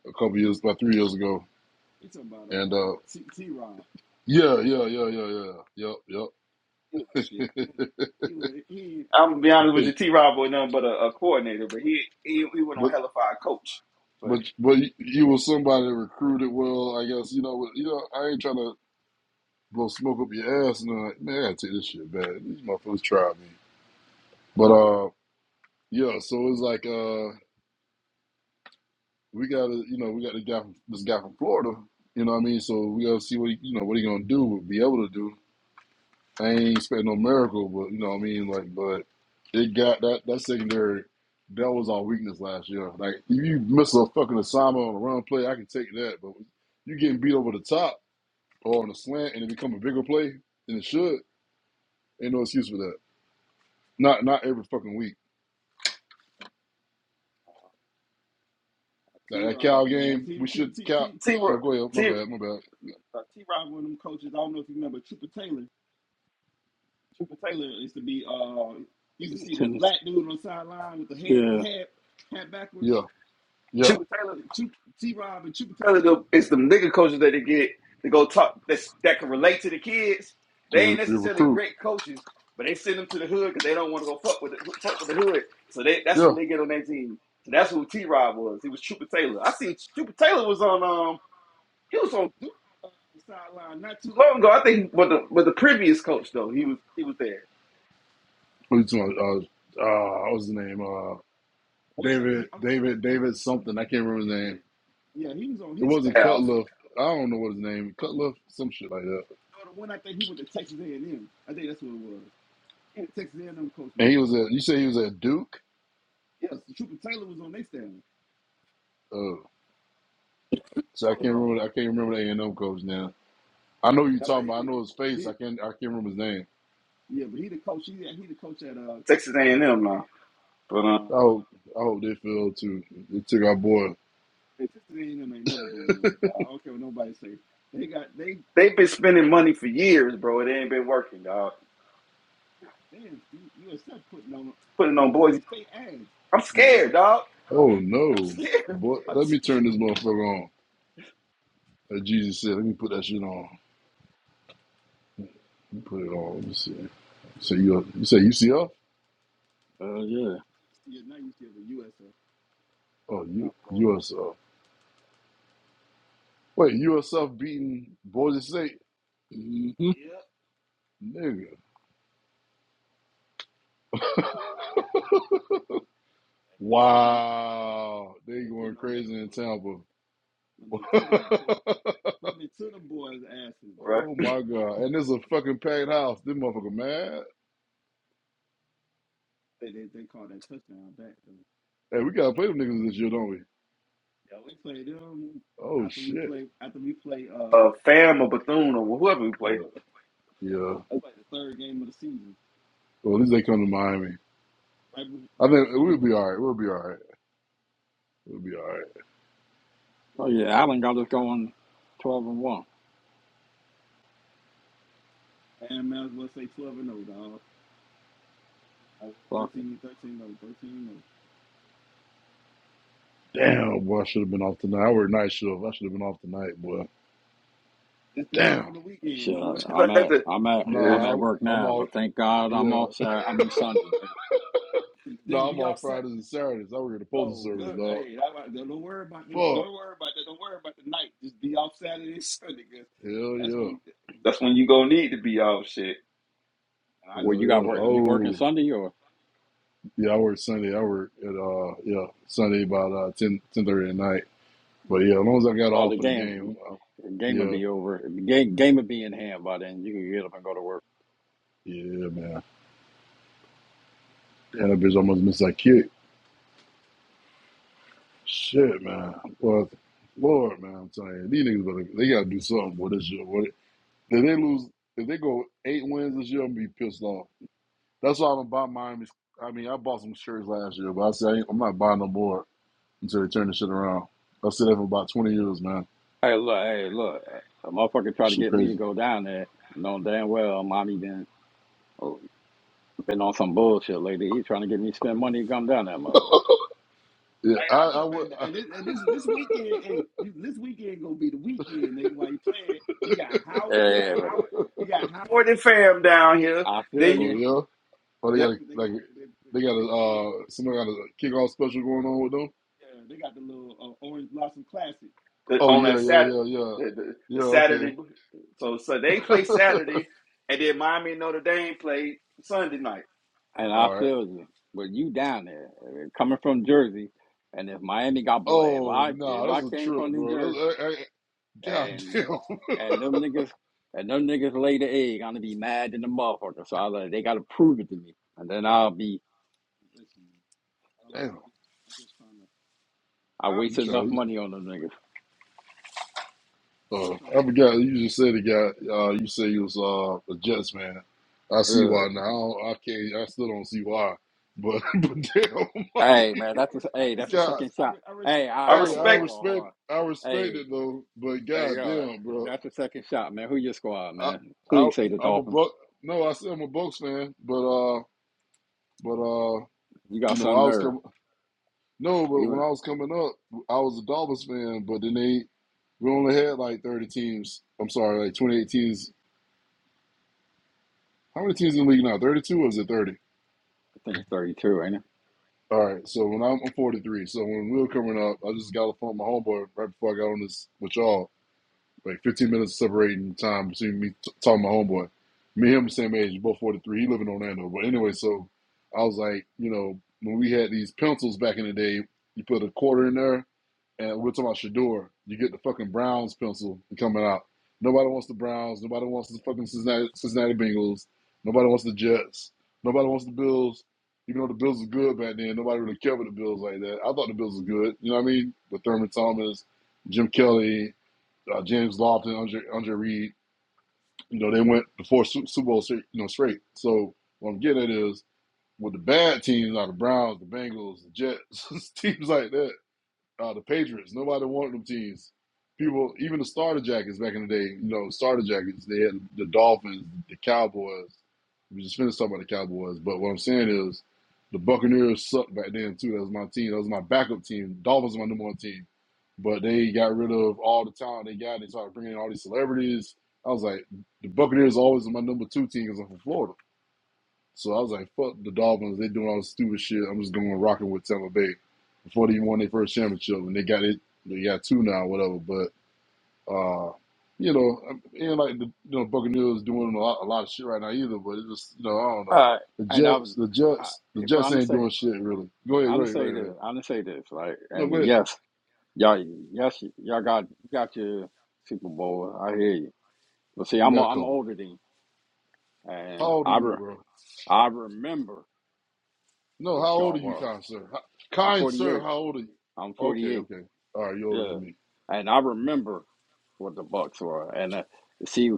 Speaker 3: a couple years, about three years ago. And uh, yeah, yeah, yeah, yeah, yeah, yep,
Speaker 1: Shit.
Speaker 3: yep.
Speaker 1: I'm gonna be honest with you. T. Rob was nothing but a, a coordinator, but he he, he went on
Speaker 3: but
Speaker 1: hella fire coach. But
Speaker 3: But but you you was somebody recruited well, I guess. You know, with- you know, I ain't trying to blow smoke up your ass, and I'm like, man, I gotta take this shit back. These motherfuckers tried me. But uh, yeah. So it's like uh, we got to, you know, we got the guy from this guy from Florida. You know what I mean? So we gotta see what he, you know what he gonna do, be able to do. I ain't expect no miracle, but you know what I mean. Like, but it got that that secondary. That was our weakness last year. Like, if you miss a fucking assignment on a run play, I can take that. But you getting beat over the top or on a slant and it become a bigger play than it should, ain't no excuse for that. Not not every fucking week. Like that Cal game, we should cap.
Speaker 1: T. Ro-
Speaker 3: No, go ahead. My
Speaker 1: T.
Speaker 3: bad. My bad.
Speaker 2: Tennis. Yeah,
Speaker 3: Yeah, yeah.
Speaker 1: Chuba Taylor It's the it's them nigga coaches that they get to go talk that that can relate to the kids.
Speaker 3: The,
Speaker 1: They ain't
Speaker 3: re- the
Speaker 1: necessarily
Speaker 3: recruit.
Speaker 1: great coaches, but they send them to the hood because they don't want to go fuck with the, fuck with the hood. So they, that's
Speaker 3: Yeah.
Speaker 1: who they get on their team. So that's who T Rod was. He was Trooper Taylor. I seen Trooper Taylor was on um he was on long ago. I think with the with the previous coach though he was he was there.
Speaker 3: What you talking about? Uh, uh, what was his name? Uh, David. David. David something. I can't remember his
Speaker 1: Yeah, yeah.
Speaker 3: name. It wasn't
Speaker 1: I was,
Speaker 3: Cutler. I don't know what his name. Cutler. Some shit like that. And he was at. You say he was at Duke. Oh, so I
Speaker 1: but,
Speaker 3: can't
Speaker 1: um,
Speaker 3: remember. I can't remember the A and M coach now. I know who you talking about. I know his face. I can't. I can't remember his name.
Speaker 1: Texas A and M now, but um
Speaker 3: I hope, I hope they fell too. They took our boy.
Speaker 1: they've been spending money for years, bro. It ain't been working, dog. Putting on boys. I'm
Speaker 2: yeah,
Speaker 1: scared, dog.
Speaker 3: Oh
Speaker 1: I'm
Speaker 3: no,
Speaker 1: scared.
Speaker 3: boy!
Speaker 1: I'm
Speaker 3: Let me
Speaker 1: scared.
Speaker 3: turn this motherfucker on. Like Jesus said, let me put that shit on. Let me put it on. Let me see. So you, you say UCF?
Speaker 2: uh, yeah.
Speaker 3: Oh, you USF. Wait, USF beating Boise State,
Speaker 2: hmm
Speaker 1: Yeah,
Speaker 3: nigga. wow, they going crazy in Tampa.
Speaker 1: bro.
Speaker 3: oh my god, and this is a fucking packed house. This motherfucker mad. Hey, we gotta play them niggas this year, don't we? Oh shit.
Speaker 1: A fam or Bethune or whoever we play.
Speaker 3: boy. Yeah. Well, at least they come to Miami. I think we'll be all right. We'll be all right. We'll be all right.
Speaker 2: Oh yeah, Allen got us going twelve and one. Fuck it.
Speaker 3: Damn, boy, I should have been off tonight. I work night shift. I should have been off tonight, boy. Damn.
Speaker 2: shit. I'm
Speaker 1: That's
Speaker 2: at,
Speaker 1: it.
Speaker 2: I'm at,
Speaker 1: Yes.
Speaker 2: I'm
Speaker 3: Nah, I,
Speaker 2: at work
Speaker 3: I'm
Speaker 2: now,
Speaker 3: all.
Speaker 2: but thank God I'm
Speaker 3: Yeah.
Speaker 2: off. Saturday, I mean Sunday. Nigga.
Speaker 3: nah, I'm off Fridays and Saturdays. I work at the postal service, dog. Fuck. Hell yeah.
Speaker 1: That's when you gonna need to be all shit.
Speaker 2: Well,
Speaker 3: Hell
Speaker 2: you got
Speaker 3: yeah.
Speaker 2: work. You working
Speaker 3: Oh,
Speaker 2: Sunday or?
Speaker 3: yeah. I work Sunday. I work at uh, yeah, Sunday about uh ten ten thirty at night. But yeah, as long as I got
Speaker 2: Oh,
Speaker 3: off
Speaker 2: the
Speaker 3: for the
Speaker 2: game,
Speaker 3: game, I,
Speaker 2: the game would
Speaker 3: yeah,
Speaker 2: be over. The game, game would be in hand by then. You could get up and go to work.
Speaker 3: yeah, man. Damn, that bitch almost missed that kick. Shit, man. Well, Lord, man, I'm telling you, these niggas, better, they gotta do something with this year. What, if they lose, if they go eight wins this year, I'm gonna be pissed off. That's why I'm about Miami's. I mean, I bought some shirts last year, but I said I ain't- I'm not buying no more until they turn this shit around. I said that for about 20 years, man.
Speaker 2: Hey, look, hey, look. A motherfucker tried to
Speaker 3: Shit,
Speaker 2: get me to
Speaker 3: crazy.
Speaker 2: go down there, knowing damn well mommy been been on some bullshit lately. He trying to get me to spend money to come down there, motherfucker.
Speaker 3: Yeah, I, I would. I,
Speaker 2: Yeah, but
Speaker 1: More than fam down here.
Speaker 2: I feel
Speaker 1: Then
Speaker 3: oh
Speaker 2: you,
Speaker 1: you
Speaker 3: yeah. Oh, they got a, like they got a uh somebody got a kickoff special going on with them. Oh
Speaker 1: on that
Speaker 3: yeah, yeah,
Speaker 1: Saturday,
Speaker 3: yeah, yeah,
Speaker 1: the, the, the
Speaker 3: yeah. Okay.
Speaker 1: Saturday. So so they play Saturday, and then Miami and Notre Dame play Sunday night.
Speaker 2: and I
Speaker 3: All right.
Speaker 2: feel you. But you down there, uh, coming from Jersey, and if Miami got blood, if
Speaker 3: Oh
Speaker 2: I
Speaker 3: no,
Speaker 2: if I
Speaker 3: that's a
Speaker 2: came
Speaker 3: trip,
Speaker 2: from New
Speaker 3: bro.
Speaker 2: Jersey.
Speaker 3: That's, I, I, God
Speaker 2: and.
Speaker 3: damn,
Speaker 2: And them niggas, and them niggas lay the egg. I'm gonna be mad in the motherfucker. So I was like, they gotta prove it to me, and then I'll be
Speaker 3: damn.
Speaker 2: I
Speaker 3: You
Speaker 2: wasted enough
Speaker 3: trying?
Speaker 2: money on them
Speaker 3: Uh, I forgot you just said it, guy. Uh, you said you was uh, a Jets man. I see
Speaker 2: niggas.
Speaker 3: why
Speaker 2: Ugh.
Speaker 3: now. I, don't, I can't. I still don't see why. But but damn, like,
Speaker 2: Hey man, that's a, hey, that's a
Speaker 3: God.
Speaker 2: second shot. Hey, all
Speaker 1: I
Speaker 2: right,
Speaker 3: Hey,
Speaker 2: hold
Speaker 3: I
Speaker 2: on,
Speaker 1: respect.
Speaker 2: hold on, hold
Speaker 3: respect.
Speaker 2: on.
Speaker 3: I respect
Speaker 2: Hey,
Speaker 3: it though. But
Speaker 2: hey,
Speaker 3: God
Speaker 2: yo,
Speaker 3: damn, bro.
Speaker 2: that's a second shot, man. Who your squad,
Speaker 3: I
Speaker 2: man?
Speaker 3: I
Speaker 2: Please say the
Speaker 3: I'm a
Speaker 2: Dolphins.
Speaker 3: buck. No, I said I'm a Bucks fan. But uh, but uh,
Speaker 2: You
Speaker 3: you
Speaker 2: got
Speaker 3: know,
Speaker 2: some
Speaker 3: I was coming.
Speaker 2: nerve.
Speaker 3: No,
Speaker 2: He
Speaker 3: but
Speaker 2: Even
Speaker 3: when I
Speaker 2: I
Speaker 3: was coming up, I was a Dolphins fan, but then they we only had like thirty teams. I'm sorry, like twenty eight teams. How many teams in the league now? Thirty two or is it thirty?
Speaker 2: think it's 32, ain't it?
Speaker 3: All right. So when I'm, I'm forty three. So when we were coming up, I just got a phone with my homeboy right before I got on this with y'all. like 15 minutes separating time between me t- talking to my homeboy. Me and him the same age, both 43. He live in Orlando. But anyway, so I was like, you know, when we had these pencils back in the day, you put a quarter in there, and we're talking about Shador. You get the fucking Browns pencil coming out. Nobody wants the Browns. Nobody wants the fucking Cincinnati, Cincinnati Bengals. Nobody wants the Jets. Nobody wants the Bills. Even though the Bills were good back then, nobody really cared for the Bills like that. I thought the Bills were good. You know what I mean? With Thurman Thomas, Jim Kelly, uh, James Lofton, Andre, Andre Reed, you know, they went before Super Bowl, you know, straight. So what I'm getting at is with the bad teams, like the Browns, the Bengals, the Jets, teams like that, uh, the Patriots. Nobody wanted them teams. People, even the starter jackets back in the day. You know, starter jackets. They had the Dolphins, the Cowboys. We just finished talking about the Cowboys, but what I'm saying is, the Buccaneers sucked back then too. That was my team. That was my backup team. Dolphins were my number one team, but they got rid of all the talent they got. They started bringing in all these celebrities. I was like, the Buccaneers always were my number two team because I'm from Florida. So I was like, fuck the Dolphins. They doing all this stupid shit. I'm just going rocking with Tampa Bay before they even won their first championship, and they got it. They got two now, whatever. But uh, you know, and like the you know Buccaneers doing a lot, a lot of shit right now either. But it's just you know, I don't know.
Speaker 2: Uh,
Speaker 3: The
Speaker 2: and I was,
Speaker 3: Jets, the
Speaker 2: I,
Speaker 3: Jets, the
Speaker 2: but I'm
Speaker 3: Jets
Speaker 2: gonna
Speaker 3: ain't
Speaker 2: say,
Speaker 3: doing shit really. Go ahead,
Speaker 2: I'm
Speaker 3: go
Speaker 2: gonna
Speaker 3: ahead, go
Speaker 2: say
Speaker 3: ahead. go
Speaker 2: this,
Speaker 3: ahead.
Speaker 2: I'm gonna say this, right?
Speaker 3: No, go
Speaker 2: And
Speaker 3: ahead.
Speaker 2: yes. Y'all, y'all, sh- y'all got got your Super Bowl. I hear you. But see,
Speaker 3: We
Speaker 2: I'm
Speaker 3: got a
Speaker 2: I'm
Speaker 3: couple.
Speaker 2: older than you,
Speaker 3: How
Speaker 2: and
Speaker 3: old are
Speaker 2: I
Speaker 3: you,
Speaker 2: re,
Speaker 3: bro?
Speaker 2: I remember
Speaker 3: No, how
Speaker 2: what
Speaker 3: old
Speaker 2: y'all
Speaker 3: are you,
Speaker 2: were.
Speaker 3: kind sir? How,
Speaker 2: I'm
Speaker 3: kind sir,
Speaker 2: 48.
Speaker 3: how old are you?
Speaker 2: I'm
Speaker 3: Okay,
Speaker 2: 48.
Speaker 3: okay. All right, you're older
Speaker 2: Yeah,
Speaker 3: than me.
Speaker 2: and I remember what the Bucks were. And uh, see,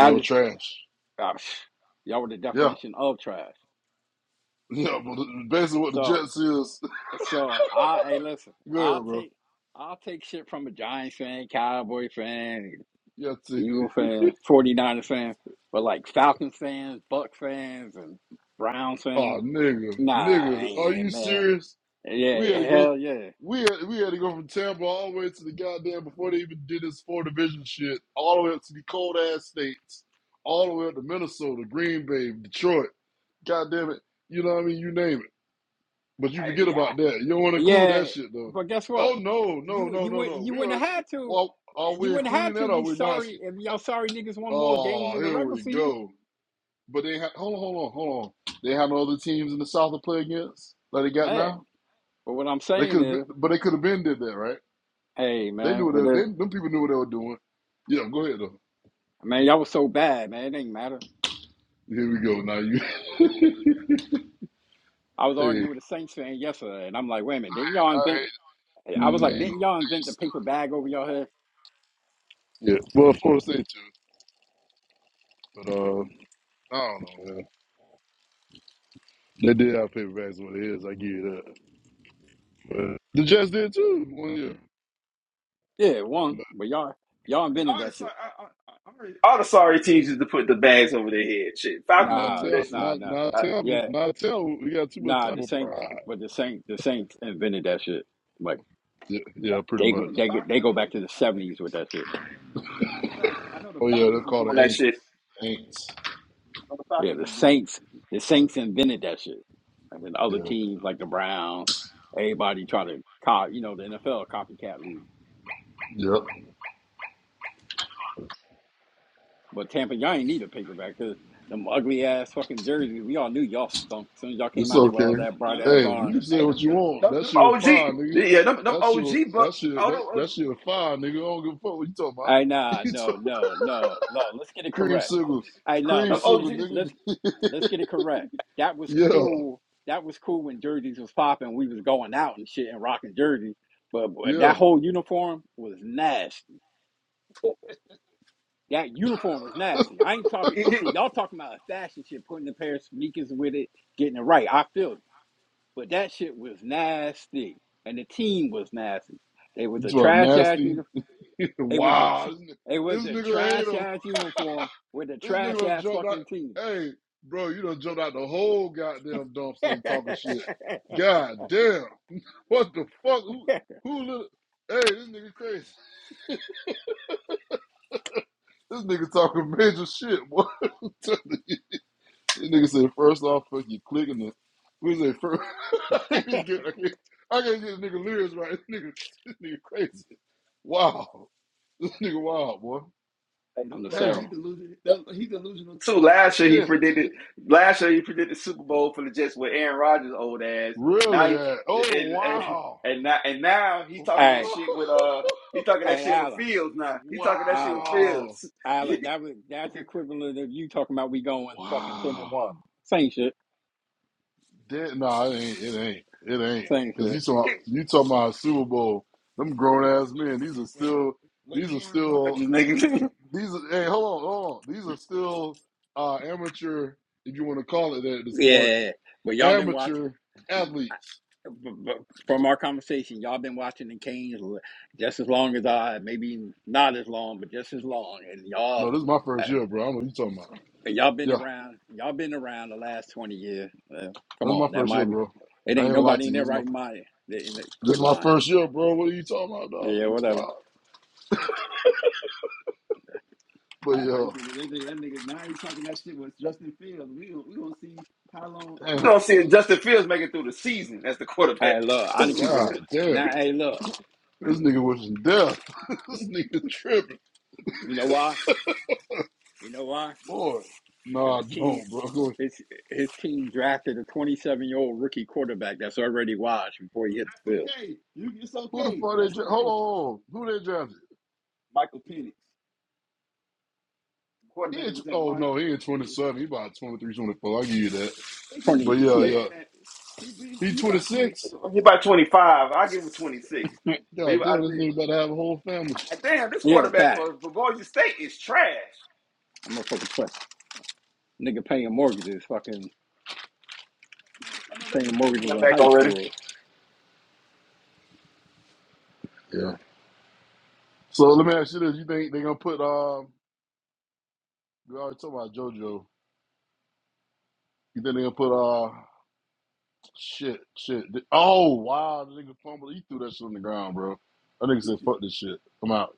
Speaker 3: They were
Speaker 2: is
Speaker 3: trash.
Speaker 2: uh, y'all were the
Speaker 3: Yeah.
Speaker 2: definition of trash.
Speaker 3: Yeah, but basically what the
Speaker 2: So
Speaker 3: Jets is.
Speaker 2: so I hey listen,
Speaker 3: Go
Speaker 2: I'll
Speaker 3: ahead, bro.
Speaker 2: take I'll take shit from a Giants fan, Cowboy fan.
Speaker 3: Yeah, see.
Speaker 2: Eagle fan, 49er fan, but like Falcon fans, Buck fans, and Brown fans.
Speaker 3: Oh, nigga,
Speaker 2: Nah, I
Speaker 3: nigga, are
Speaker 2: ain't
Speaker 3: you
Speaker 2: it, man.
Speaker 3: serious?
Speaker 2: Yeah,
Speaker 3: We had
Speaker 2: yeah,
Speaker 3: to go.
Speaker 2: hell yeah,
Speaker 3: We had, we had to go from Tampa all the way to the goddamn before they even did this four division shit, all the way up to the cold ass states, all the way up to Minnesota, Green Bay, Detroit. Goddamn it, you know what I mean? You name it, but you
Speaker 2: I,
Speaker 3: forget
Speaker 2: yeah,
Speaker 3: about that. You don't want to include
Speaker 2: yeah.
Speaker 3: that shit though.
Speaker 2: But guess
Speaker 3: Oh
Speaker 2: what?
Speaker 3: no, no,
Speaker 2: You
Speaker 3: no,
Speaker 2: you
Speaker 3: no,
Speaker 2: would
Speaker 3: no.
Speaker 2: you
Speaker 3: We are.
Speaker 2: wouldn't
Speaker 3: We,
Speaker 2: have had to.
Speaker 3: well, are
Speaker 2: You
Speaker 3: we
Speaker 2: wouldn't have
Speaker 3: including
Speaker 2: had
Speaker 3: that?
Speaker 2: to.
Speaker 3: or Are
Speaker 2: You
Speaker 3: we not?
Speaker 2: sorry if y'all sorry niggas won more games
Speaker 3: Oh,
Speaker 2: in the
Speaker 3: here
Speaker 2: regular
Speaker 3: we
Speaker 2: season.
Speaker 3: go. But they had hold on, hold on, hold on. They had no other teams in the South to play against that they got
Speaker 2: Hey,
Speaker 3: now.
Speaker 2: but what I'm
Speaker 3: They
Speaker 2: saying
Speaker 3: could,
Speaker 2: is,
Speaker 3: but they could have been did that, right?
Speaker 2: hey
Speaker 3: They knew
Speaker 2: man, it
Speaker 3: what they,
Speaker 2: is.
Speaker 3: they them people knew what they were doing. Yeah, go ahead though.
Speaker 2: Man, y'all was so bad, man. It ain't matter.
Speaker 3: Here we go. Now you,
Speaker 2: I was
Speaker 3: hey,
Speaker 2: arguing with a Saints fan yesterday, and I'm like, wait a minute, didn't y'all
Speaker 3: I
Speaker 2: invent?
Speaker 3: hate
Speaker 2: I was like,
Speaker 3: man.
Speaker 2: didn't y'all invent the paper bag over y'all head?
Speaker 3: Yeah, well, of course they too, but uh, I don't know, man. They did have paperbacks what it is. I give you that. But the Jets did too one year.
Speaker 2: Yeah, one.
Speaker 3: But
Speaker 2: But y'all y'all
Speaker 1: I mean,
Speaker 2: invented
Speaker 1: all the
Speaker 2: that
Speaker 1: sorry,
Speaker 2: shit.
Speaker 1: I, I, I, i all the sorry teams used to put the bags over their head. Shit, Falcons used
Speaker 3: not
Speaker 1: to
Speaker 2: Nah,
Speaker 1: do that
Speaker 3: Tampa.
Speaker 1: shit.
Speaker 2: nah,
Speaker 3: not
Speaker 2: nah.
Speaker 3: not
Speaker 1: That,
Speaker 3: Tampa,
Speaker 2: Yeah,
Speaker 3: not Tampa. We got too much
Speaker 2: nah, the
Speaker 3: Tampa
Speaker 2: Saints
Speaker 3: pride.
Speaker 2: but the Saints the Saints invented that shit. Like
Speaker 3: Yeah, yeah, pretty
Speaker 2: they
Speaker 3: much.
Speaker 2: they they go back to the seventies with that shit.
Speaker 3: Oh yeah, they're called the
Speaker 1: that
Speaker 3: Aints.
Speaker 1: shit.
Speaker 3: Aints.
Speaker 2: Yeah, the Saints the Saints invented that shit. And then other
Speaker 3: Yeah.
Speaker 2: teams like the Browns, everybody try to cop you know, the NFL copycat league.
Speaker 3: Yep.
Speaker 2: But Tampa, y'all ain't need a paperback because them ugly ass fucking jerseys, we all knew y'all stunk. As soon as y'all came
Speaker 3: It's
Speaker 2: out there with
Speaker 3: okay.
Speaker 2: all that bright ass
Speaker 3: Hey,
Speaker 2: orange.
Speaker 3: you say what you want. That shit was
Speaker 1: OG,
Speaker 3: fire, nigga.
Speaker 1: yeah, them, them
Speaker 3: That shit
Speaker 1: OG,
Speaker 3: was-
Speaker 1: but
Speaker 3: that shit
Speaker 1: all
Speaker 3: that, that shit
Speaker 1: them
Speaker 3: was fire, nigga. I don't give a fuck what you talking about.
Speaker 2: I nah,
Speaker 3: You
Speaker 2: no,
Speaker 3: talk-
Speaker 2: no, no, no. Let's get it
Speaker 3: cream
Speaker 2: correct.
Speaker 3: sugar.
Speaker 2: I know.
Speaker 3: Cream
Speaker 2: Let's get
Speaker 1: OG,
Speaker 3: sugar,
Speaker 2: it.
Speaker 1: them
Speaker 3: nigga.
Speaker 2: Let's let's get it correct. That was
Speaker 3: yeah.
Speaker 2: cool. That was cool when jerseys was popping. We was going out and shit and rocking jerseys. But, but
Speaker 3: Yeah.
Speaker 2: that whole uniform was nasty. That uniform was nasty. I ain't talk.
Speaker 1: OG.
Speaker 2: See, y'all talking about a fashion shit, putting a pair of sneakers with it, getting it right. I feel it. But that shit was nasty, and the team was nasty. They was
Speaker 3: You
Speaker 2: a
Speaker 3: talking about
Speaker 2: trash ass
Speaker 3: nasty.
Speaker 2: uniform. It was a.
Speaker 3: wow.
Speaker 2: t-
Speaker 3: This, ni-
Speaker 2: It was
Speaker 3: this
Speaker 2: a
Speaker 3: nigga hate
Speaker 2: trash
Speaker 3: him.
Speaker 2: ass uniform with a
Speaker 3: This nigga
Speaker 2: trash
Speaker 3: done
Speaker 2: ass
Speaker 3: jumped out.
Speaker 2: fucking team.
Speaker 3: Hey, bro, you done jumped out the whole goddamn dumpster and talking shit. God damn. What the fuck? Who, who little? Hey, this nigga crazy. This nigga talking major shit, boy. I'm telling you. this nigga said, first off, fuck you clicking the. We say first. I
Speaker 2: I'm
Speaker 3: can't get, I can't, I can't get this nigga lyrics right. This nigga, this nigga crazy. Wow. This nigga wild, boy.
Speaker 2: just
Speaker 3: Damn.
Speaker 2: saying.
Speaker 1: Too last year he
Speaker 3: Shit.
Speaker 1: predicted last year he predicted Super Bowl for the Jets with Aaron Rodgers old ass. Now
Speaker 3: Really?
Speaker 1: he,
Speaker 3: eh? Oh,
Speaker 1: and, and
Speaker 3: wow.
Speaker 1: and now and now he talking that
Speaker 2: Hey,
Speaker 1: shit with uh he talking that
Speaker 2: hey,
Speaker 1: shit with
Speaker 2: Alan,
Speaker 1: Fields now. He talking that shit with
Speaker 2: Alan,
Speaker 3: wow.
Speaker 1: Fields.
Speaker 2: Alan. That was that's the equivalent of you talking about we going fucking ten
Speaker 3: Wow.
Speaker 2: and one. Same shit,
Speaker 3: Did, no, it ain't. It ain't. It ain't.
Speaker 2: same
Speaker 3: Because you
Speaker 2: shit.
Speaker 3: saw you talking about Super Bowl. Them grown ass men. These are still. These are still.
Speaker 1: Rodgers, nigga.
Speaker 3: These. Are, hey, hold on, hold on. These are still uh, amateur, if you want to call it that at this point,
Speaker 2: Yeah, but y'all been watching.
Speaker 3: amateur
Speaker 2: I-
Speaker 3: athletes.
Speaker 2: b- b- From our conversation, y'all been watching the Canes l- just as long as I, maybe not as long, but just as long. And y'all,
Speaker 3: No, this is my
Speaker 2: uh,
Speaker 3: first year, bro. I don't know what you talking about.
Speaker 2: y'all been
Speaker 3: Yeah,
Speaker 2: around. Y'all been around the last twenty years. Uh,
Speaker 3: this
Speaker 2: come
Speaker 3: is my
Speaker 2: on, that
Speaker 3: first year,
Speaker 2: might
Speaker 3: bro.
Speaker 2: it
Speaker 3: I ain't
Speaker 2: ain't
Speaker 3: gonna lie
Speaker 2: nobody
Speaker 3: to
Speaker 2: in
Speaker 3: you. This
Speaker 2: their
Speaker 3: is my
Speaker 2: right mind. In the
Speaker 3: this
Speaker 2: quit
Speaker 3: is my
Speaker 2: line.
Speaker 3: first year, bro. What are you talking about, dog?
Speaker 2: Yeah,
Speaker 3: You talking
Speaker 2: whatever.
Speaker 3: about? But yo, damn,
Speaker 1: I'm seeing Justin Fields make it through the season as the quarterback.
Speaker 2: Hey, look, I didn't keep it.
Speaker 1: he
Speaker 2: re-
Speaker 3: god damn,
Speaker 2: Now, hey, look,
Speaker 3: this nigga was in death. this nigga tripping.
Speaker 2: you know why? You know why?
Speaker 3: Boy,
Speaker 2: Because
Speaker 3: no, I
Speaker 2: his team,
Speaker 3: don't, bro. Go-
Speaker 2: his his team drafted a 27 year old rookie quarterback that's already washed before he hit the field.
Speaker 3: Who the fuck they dra Hold on, hold on. who they drafted? He ain't, tw- oh no, he ain't 27. He about twenty three, twenty four. 24. I give you that. But
Speaker 2: 20
Speaker 3: yeah,
Speaker 2: shit.
Speaker 3: yeah, he 26.
Speaker 1: about twenty five. I give him twenty six. But he,
Speaker 3: God
Speaker 1: I
Speaker 3: damn, this
Speaker 1: think,
Speaker 3: nigga about to have a whole family.
Speaker 1: damn, this
Speaker 2: yeah,
Speaker 1: quarterback
Speaker 2: facts.
Speaker 1: for, for Boise State is trash.
Speaker 2: I'm gonna fucking play. Nigga paying mortgages, fucking paying mortgages in
Speaker 1: Back
Speaker 2: high
Speaker 1: already.
Speaker 2: school.
Speaker 3: Yeah. So let me ask you this: You think they gonna put? Um, we already talked about JoJo. You think they gonna put? Uh, shit, shit. Oh wow, the nigga fumbled. He threw that shit on the ground, bro. That nigga said, "Fuck this shit, I'm out."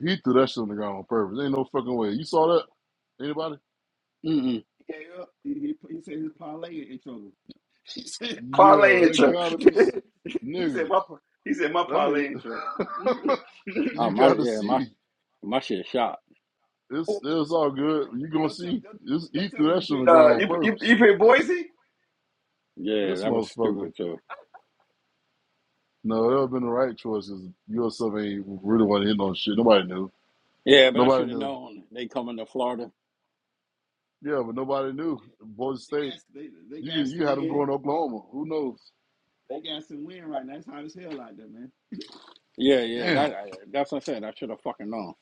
Speaker 3: He threw that shit on the ground on purpose. Ain't no fucking way. You saw that? Anybody?
Speaker 2: Mm-mm.
Speaker 1: He said, parlay
Speaker 3: Yeah, it
Speaker 1: intro.
Speaker 3: gotta be, s-
Speaker 1: he said
Speaker 3: nigga.
Speaker 1: my he said my
Speaker 3: That nigga,
Speaker 1: parlay intro.
Speaker 2: Oh
Speaker 3: you
Speaker 2: my,
Speaker 3: gotta
Speaker 2: yeah, my
Speaker 3: see.
Speaker 2: my shit shot.
Speaker 3: It's it's all good. You gonna see? Just He threw that shit on the ground
Speaker 1: Uh,
Speaker 3: on
Speaker 1: you you
Speaker 3: purpose.
Speaker 1: you play Boise?
Speaker 2: Yeah,
Speaker 3: This
Speaker 2: that was
Speaker 3: motherfucker.
Speaker 2: stupid too.
Speaker 3: No, that would have been the right choice. Cause yourself ain't really want to hit on shit. Nobody knew.
Speaker 2: Yeah, but I
Speaker 3: Nobody
Speaker 2: should have
Speaker 3: knew.
Speaker 2: known they coming to Florida.
Speaker 3: Yeah, but nobody knew. Boise State. You could- you had them going to Oklahoma. Who knows?
Speaker 2: Yeah, yeah,
Speaker 3: Damn.
Speaker 2: that I, that's what I'm saying. I should have fucking known.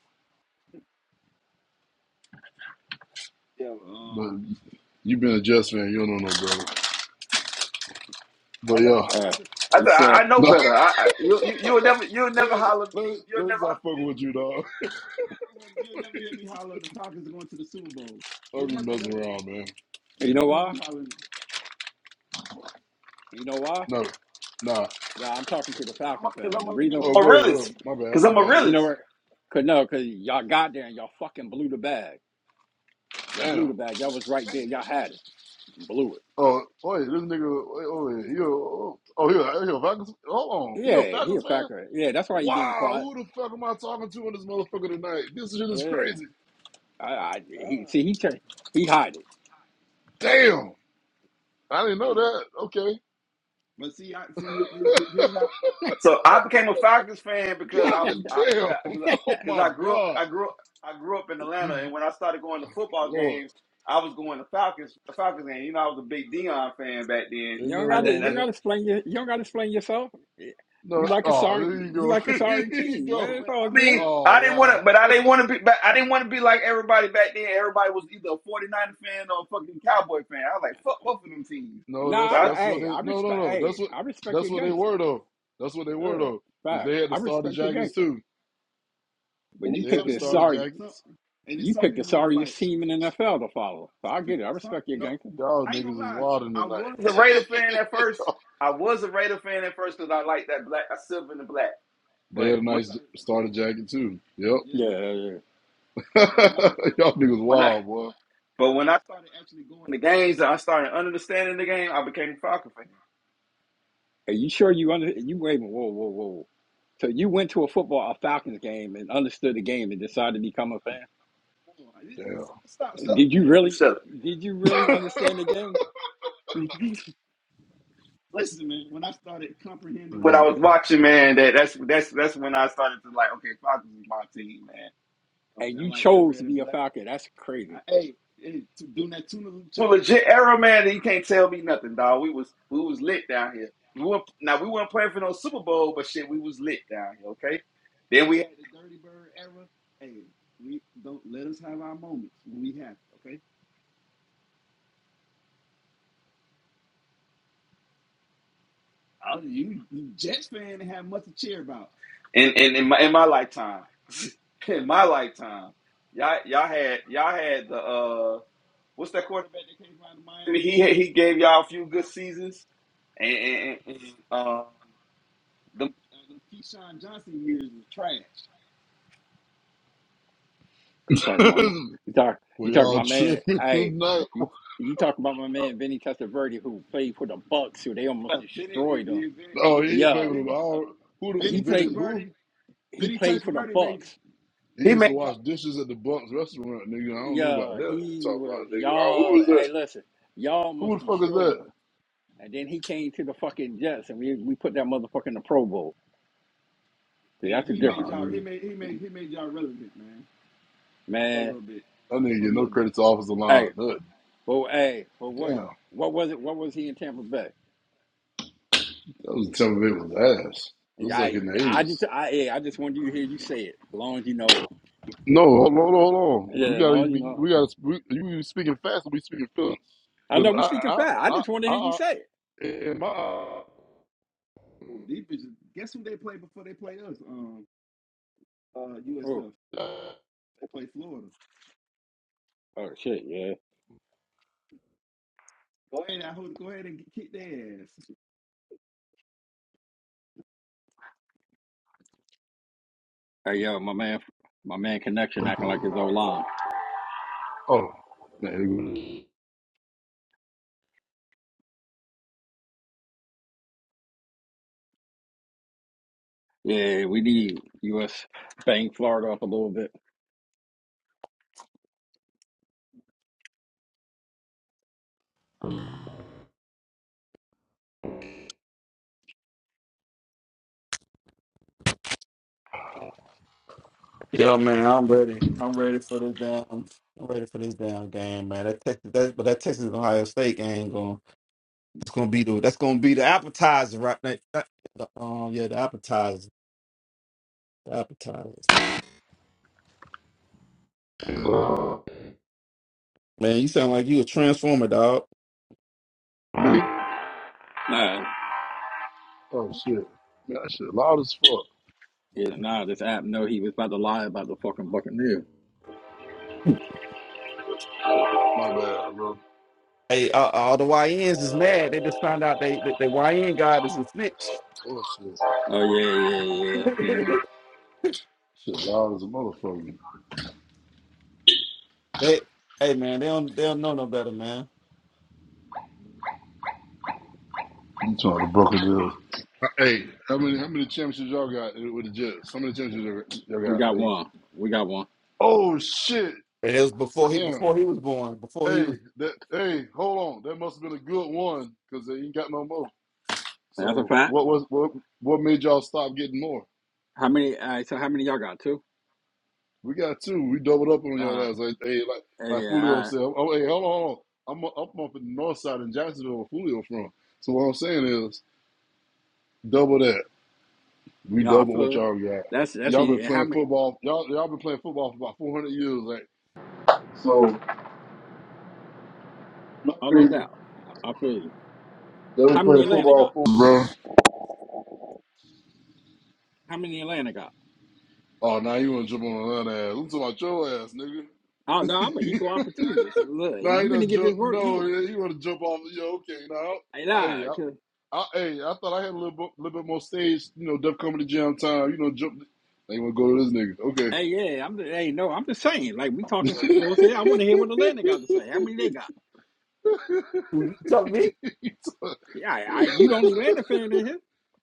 Speaker 3: But you been a Jets fan. You don't know no brother.
Speaker 1: I,
Speaker 3: But
Speaker 1: know, I,
Speaker 3: yeah,
Speaker 1: told,
Speaker 2: Uh,
Speaker 1: I, said, I, said,
Speaker 2: you
Speaker 1: I
Speaker 2: still,
Speaker 1: I know
Speaker 3: no.
Speaker 1: better. I, I you you you'll never you'll
Speaker 3: Let
Speaker 1: never
Speaker 3: me
Speaker 1: holler
Speaker 3: let me-
Speaker 1: you you'll
Speaker 3: let me
Speaker 1: never
Speaker 3: stop
Speaker 1: you,
Speaker 3: fucking with you, dog. I'm just messing around, man.
Speaker 2: you know why? You know why?
Speaker 3: No, nah.
Speaker 2: Nah, I'm talking to the Falcon fans. The reason,
Speaker 1: I'm
Speaker 3: Oh,
Speaker 1: a
Speaker 3: go ahead, go
Speaker 1: realist
Speaker 3: ahead. My
Speaker 1: because
Speaker 3: bad, my
Speaker 1: I'm a
Speaker 3: bad.
Speaker 2: you
Speaker 1: realist.
Speaker 2: know, cause no, cause y'all got there and y'all fucking blew the bag. Y'all blew
Speaker 3: Damn.
Speaker 2: the bag. Y'all was right there. Y'all had it. Blew it.
Speaker 3: Oh, wait, this nigga, wait, oh, wait, he a, oh, oh, he a, he a Falcons, hold on, he a
Speaker 2: Yeah, he a
Speaker 3: Falcons fan?
Speaker 2: factor. Yeah, that's why he being
Speaker 3: Wow,
Speaker 2: quiet.
Speaker 3: who the fuck am I talking to on this motherfucker tonight? This shit is
Speaker 2: Yeah,
Speaker 3: crazy.
Speaker 2: I, I he see he tur- he hide
Speaker 3: Damn. I didn't know that. Okay.
Speaker 1: So I became a Falcons fan because I
Speaker 3: God
Speaker 1: was I
Speaker 3: damn.
Speaker 1: because I
Speaker 2: it.
Speaker 3: Oh
Speaker 1: 'cause
Speaker 3: my
Speaker 1: I grew up
Speaker 3: God.
Speaker 1: I grew up I grew up in Atlanta
Speaker 3: You,
Speaker 1: and when I started going to football
Speaker 3: Lord,
Speaker 1: games I was going to Falcons the Falcons game. You know I was a big Dion fan back then.
Speaker 3: ain't
Speaker 2: you don't
Speaker 3: nothing
Speaker 1: I
Speaker 2: got to
Speaker 1: that,
Speaker 3: wrong
Speaker 2: you
Speaker 3: with
Speaker 2: don't got
Speaker 3: that.
Speaker 2: to explain your, you don't got to explain yourself. Yeah,
Speaker 3: No,
Speaker 2: You like a
Speaker 3: oh,
Speaker 1: that,
Speaker 2: sorry
Speaker 3: there you
Speaker 2: you
Speaker 3: go.
Speaker 2: like a sorry
Speaker 3: there you
Speaker 2: team,
Speaker 1: No,
Speaker 3: go.
Speaker 2: man. It's
Speaker 1: but
Speaker 2: all
Speaker 1: I mean,
Speaker 2: good.
Speaker 1: I
Speaker 3: Oh,
Speaker 1: didn't want to,
Speaker 3: wow.
Speaker 1: but I didn't want to be, but I didn't want to be like everybody back then. Everybody was either a 49er fan or a fucking Cowboy fan. I was like, fuck both of them teams.
Speaker 3: No,
Speaker 2: Nah,
Speaker 1: So
Speaker 2: I,
Speaker 3: that's
Speaker 1: I
Speaker 2: re-
Speaker 1: was
Speaker 3: that's what
Speaker 2: hey,
Speaker 3: they
Speaker 2: I
Speaker 3: no no
Speaker 2: respect
Speaker 3: no. That's
Speaker 2: hey,
Speaker 3: what
Speaker 2: I respect
Speaker 3: that's
Speaker 2: your
Speaker 3: what they
Speaker 2: gangster.
Speaker 3: were though. That's what they were
Speaker 2: Yeah,
Speaker 3: though. Cause
Speaker 2: facts.
Speaker 3: they had the
Speaker 2: I
Speaker 3: starter
Speaker 2: respect your
Speaker 3: jackets
Speaker 2: gangster.
Speaker 3: too.
Speaker 2: But you
Speaker 3: They had
Speaker 2: picked
Speaker 3: the
Speaker 2: this
Speaker 3: starter
Speaker 2: sorry.
Speaker 3: jackets.
Speaker 2: You picked the sorriest team in the NFL to follow. So I get it. I respect your gangster.
Speaker 3: Y'all niggas is wilding
Speaker 1: a Raider fan at
Speaker 3: tonight.
Speaker 1: first. I was a Raider fan at first because I liked that black, I silver in the black.
Speaker 3: they
Speaker 1: But
Speaker 3: had a
Speaker 1: when,
Speaker 3: nice starter jacket too. Yep.
Speaker 2: Yeah, yeah, yeah.
Speaker 3: y'all niggas
Speaker 1: I,
Speaker 3: wild, boy.
Speaker 1: but when I the games, I started understanding the game. I became a Falcon fan.
Speaker 2: Are you sure you under you waving? Whoa, whoa, whoa. So you went to a football a Falcons game and understood the game and decided to become a fan.
Speaker 3: Damn.
Speaker 2: Did you
Speaker 1: Just
Speaker 2: really
Speaker 1: shut up.
Speaker 2: did you really understand the game?
Speaker 3: Niggas-
Speaker 1: Watching man, that that's that's that's when I started to like, okay, Falcons is my team, man.
Speaker 2: And you chose to be a Falcon. That's crazy.
Speaker 1: Shit, Arrow Man, you can't tell me nothing, dog. We was we was lit down here. We were now we weren't playing for no Super Bowl, but shit, we was lit down here. Okay, then we, in, in in my in my lifetime, in my lifetime, y'all y'all had y'all had the uh what's that quarterback? He he gave y'all a few good seasons, and, and, and and, um the,
Speaker 2: Are you talking about my you talk
Speaker 3: well,
Speaker 2: you talking
Speaker 3: y'all
Speaker 2: about my man
Speaker 3: tripping
Speaker 2: hey
Speaker 3: tonight.
Speaker 2: you you talking about my man Vinny Testaverde who played for the Bucks who they almost destroyed him.
Speaker 3: Oh, he ain't
Speaker 2: Yeah.
Speaker 3: playing with him. I
Speaker 2: uh,
Speaker 3: don't, who the
Speaker 2: He played
Speaker 3: vintage who?
Speaker 2: he played for the Bucks.
Speaker 3: He
Speaker 1: he made
Speaker 3: used to wash dishes at the Bucks restaurant, nigga. I don't know about
Speaker 2: Yeah,
Speaker 3: that.
Speaker 2: he
Speaker 3: Talk
Speaker 2: was
Speaker 3: about nigga. I don't- who
Speaker 2: y'all.
Speaker 3: is that?
Speaker 2: Hey, listen, y'all
Speaker 3: Who
Speaker 2: almost
Speaker 3: the fuck is
Speaker 2: destroyed
Speaker 3: that?
Speaker 2: him, and then he came to the fucking Jets, and we we put that motherfucker in the Pro Bowl. See, that's the
Speaker 3: Nah,
Speaker 2: difference,
Speaker 3: nigga.
Speaker 2: man.
Speaker 3: That nigga get no credit to offensive line.
Speaker 2: Hey,
Speaker 3: Look,
Speaker 2: but hey, but what
Speaker 3: damn.
Speaker 2: what was it? What was he in Tampa Bay?
Speaker 3: That was Tampa Bay was ass. This is like
Speaker 2: I
Speaker 3: in the
Speaker 2: I just
Speaker 3: eighties.
Speaker 2: I hey, I just wanted you to hear you say it. As long as you know it.
Speaker 3: No, hold on, hold on, hold on. We
Speaker 2: Yeah, as
Speaker 3: gotta
Speaker 2: long as you
Speaker 3: be
Speaker 2: know.
Speaker 3: we gotta we, you speaking fast and we speaking feelings.
Speaker 2: it. I
Speaker 3: Because
Speaker 2: know
Speaker 3: I
Speaker 2: we speaking
Speaker 3: I
Speaker 2: fast. I
Speaker 3: I
Speaker 2: just wanted
Speaker 3: I
Speaker 2: to hear you say it.
Speaker 3: in my
Speaker 2: Oh oh shit yeah. Hey yo, my man, my man, connection acting like his old line.
Speaker 3: Oh man.
Speaker 2: Yeah, we need U.S. bang Florida up a little bit.
Speaker 1: Yo, man, I'm ready. I'm ready for this damn. I'm ready for this damn game, man. That Texas, that, but that Texas Ohio State game going. It's gonna be the that's gonna be the appetizer right now. Uh, the, Um, yeah, the appetizer, the appetizer.
Speaker 3: it was-
Speaker 1: Man, you sound like you a transformer, dog.
Speaker 2: Nah,
Speaker 3: Oh shit. Man, that shit loud as fuck.
Speaker 2: yeah, nah, this app know he was about to lie about the fucking Buccaneers.
Speaker 3: My bad, bro.
Speaker 1: Hey, uh, all the YNs is mad. They just found out they that the YN god is a snitch.
Speaker 3: Oh shit.
Speaker 2: Oh yeah, yeah, yeah. Feeling.
Speaker 3: Shit loud as a motherfucker.
Speaker 1: They, hey man, they don't they don't know no better, man.
Speaker 3: You trying to broker deal. Hey, how many how many championships y'all got with the Jets? How many championships y'all y'all
Speaker 2: We got
Speaker 3: got? Like,
Speaker 2: one. We got one.
Speaker 3: oh shit,
Speaker 1: And it was before he
Speaker 3: damn.
Speaker 1: before he was born. Before he
Speaker 3: Hey,
Speaker 1: was
Speaker 3: that hey, hold on. That must have been a good one because they ain't got no more.
Speaker 2: That's a
Speaker 3: So
Speaker 2: fact.
Speaker 3: what was what what made y'all stop getting more?
Speaker 2: How many all right, so how many y'all got? Two?
Speaker 3: We got two. We doubled up on
Speaker 2: Uh
Speaker 3: y'all ass. Like, hey, like like
Speaker 2: yeah,
Speaker 3: Fulio
Speaker 2: all right.
Speaker 3: said. Oh, hey, hold on, hold on. I'm up up in the north side in Jacksonville, where Fulio from. So what I'm saying is, double that. We
Speaker 2: No, I
Speaker 3: double what
Speaker 2: feel it.
Speaker 3: y'all got.
Speaker 2: That's that's
Speaker 3: Y'all been
Speaker 2: easy. And how
Speaker 3: playing
Speaker 2: many
Speaker 3: football. Y'all y'all been playing football for about 400 years. Like, so. Not
Speaker 2: oh no
Speaker 3: crazy.
Speaker 2: doubt. I I feel you.
Speaker 3: They were
Speaker 2: How many
Speaker 3: playing
Speaker 2: Atlanta
Speaker 3: football,
Speaker 2: got?
Speaker 3: fool, bro.
Speaker 2: How many Atlanta got?
Speaker 3: Oh, now you want to jump on that ass. I'm talking about your ass,
Speaker 2: Oh no, I'm an
Speaker 3: nigga.
Speaker 2: equal opportunist. Look,
Speaker 3: Now you
Speaker 2: you gonna
Speaker 3: done
Speaker 2: get
Speaker 3: jump.
Speaker 2: this work
Speaker 3: No,
Speaker 2: here.
Speaker 3: yeah, you want to jump off. Yo, okay. Now,
Speaker 2: Hey nah,
Speaker 3: hey, I,
Speaker 2: cause
Speaker 3: I, hey, I thought I had a little, bit- little bit more stage, you know, Def coming to jam time. You know, jump. Now you want to go to
Speaker 2: hey yeah, I'm the, hey no, I'm just saying, like we talking
Speaker 3: this
Speaker 2: Super Bowls here. I wanna hear what Atlanta got to say. How
Speaker 3: nigga.
Speaker 2: many they got?
Speaker 1: you telling me,
Speaker 3: Okay.
Speaker 2: Yeah, I, you the only Atlanta fan in here.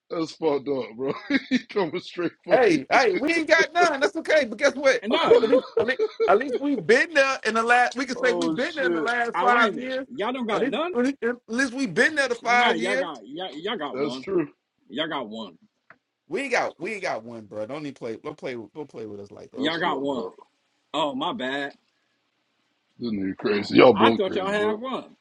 Speaker 3: That's fucked up, bro. he coming straight for you.
Speaker 1: hey, hey, we ain't got none. That's okay. But guess what?
Speaker 2: And
Speaker 1: We,
Speaker 2: no,
Speaker 1: at least at least at least we've been there in the last. We can say we've
Speaker 3: Oh,
Speaker 1: been there in the
Speaker 3: shit.
Speaker 1: last
Speaker 2: I wait
Speaker 1: five
Speaker 2: a minute.
Speaker 1: years.
Speaker 2: Y'all don't
Speaker 1: At
Speaker 2: got none?
Speaker 1: least, at least we've been there the
Speaker 2: No,
Speaker 1: five
Speaker 2: y'all
Speaker 1: years.
Speaker 2: got y'all, y'all got
Speaker 3: That's
Speaker 2: one.
Speaker 3: true.
Speaker 2: Y'all got one.
Speaker 1: We
Speaker 3: That's
Speaker 2: Y'all got
Speaker 3: fucked
Speaker 2: one.
Speaker 3: up.
Speaker 2: Oh my bad.
Speaker 3: This nigga crazy. Y'all
Speaker 2: I
Speaker 3: both
Speaker 2: thought y'all
Speaker 3: crazy,
Speaker 2: had
Speaker 3: bro.
Speaker 2: one.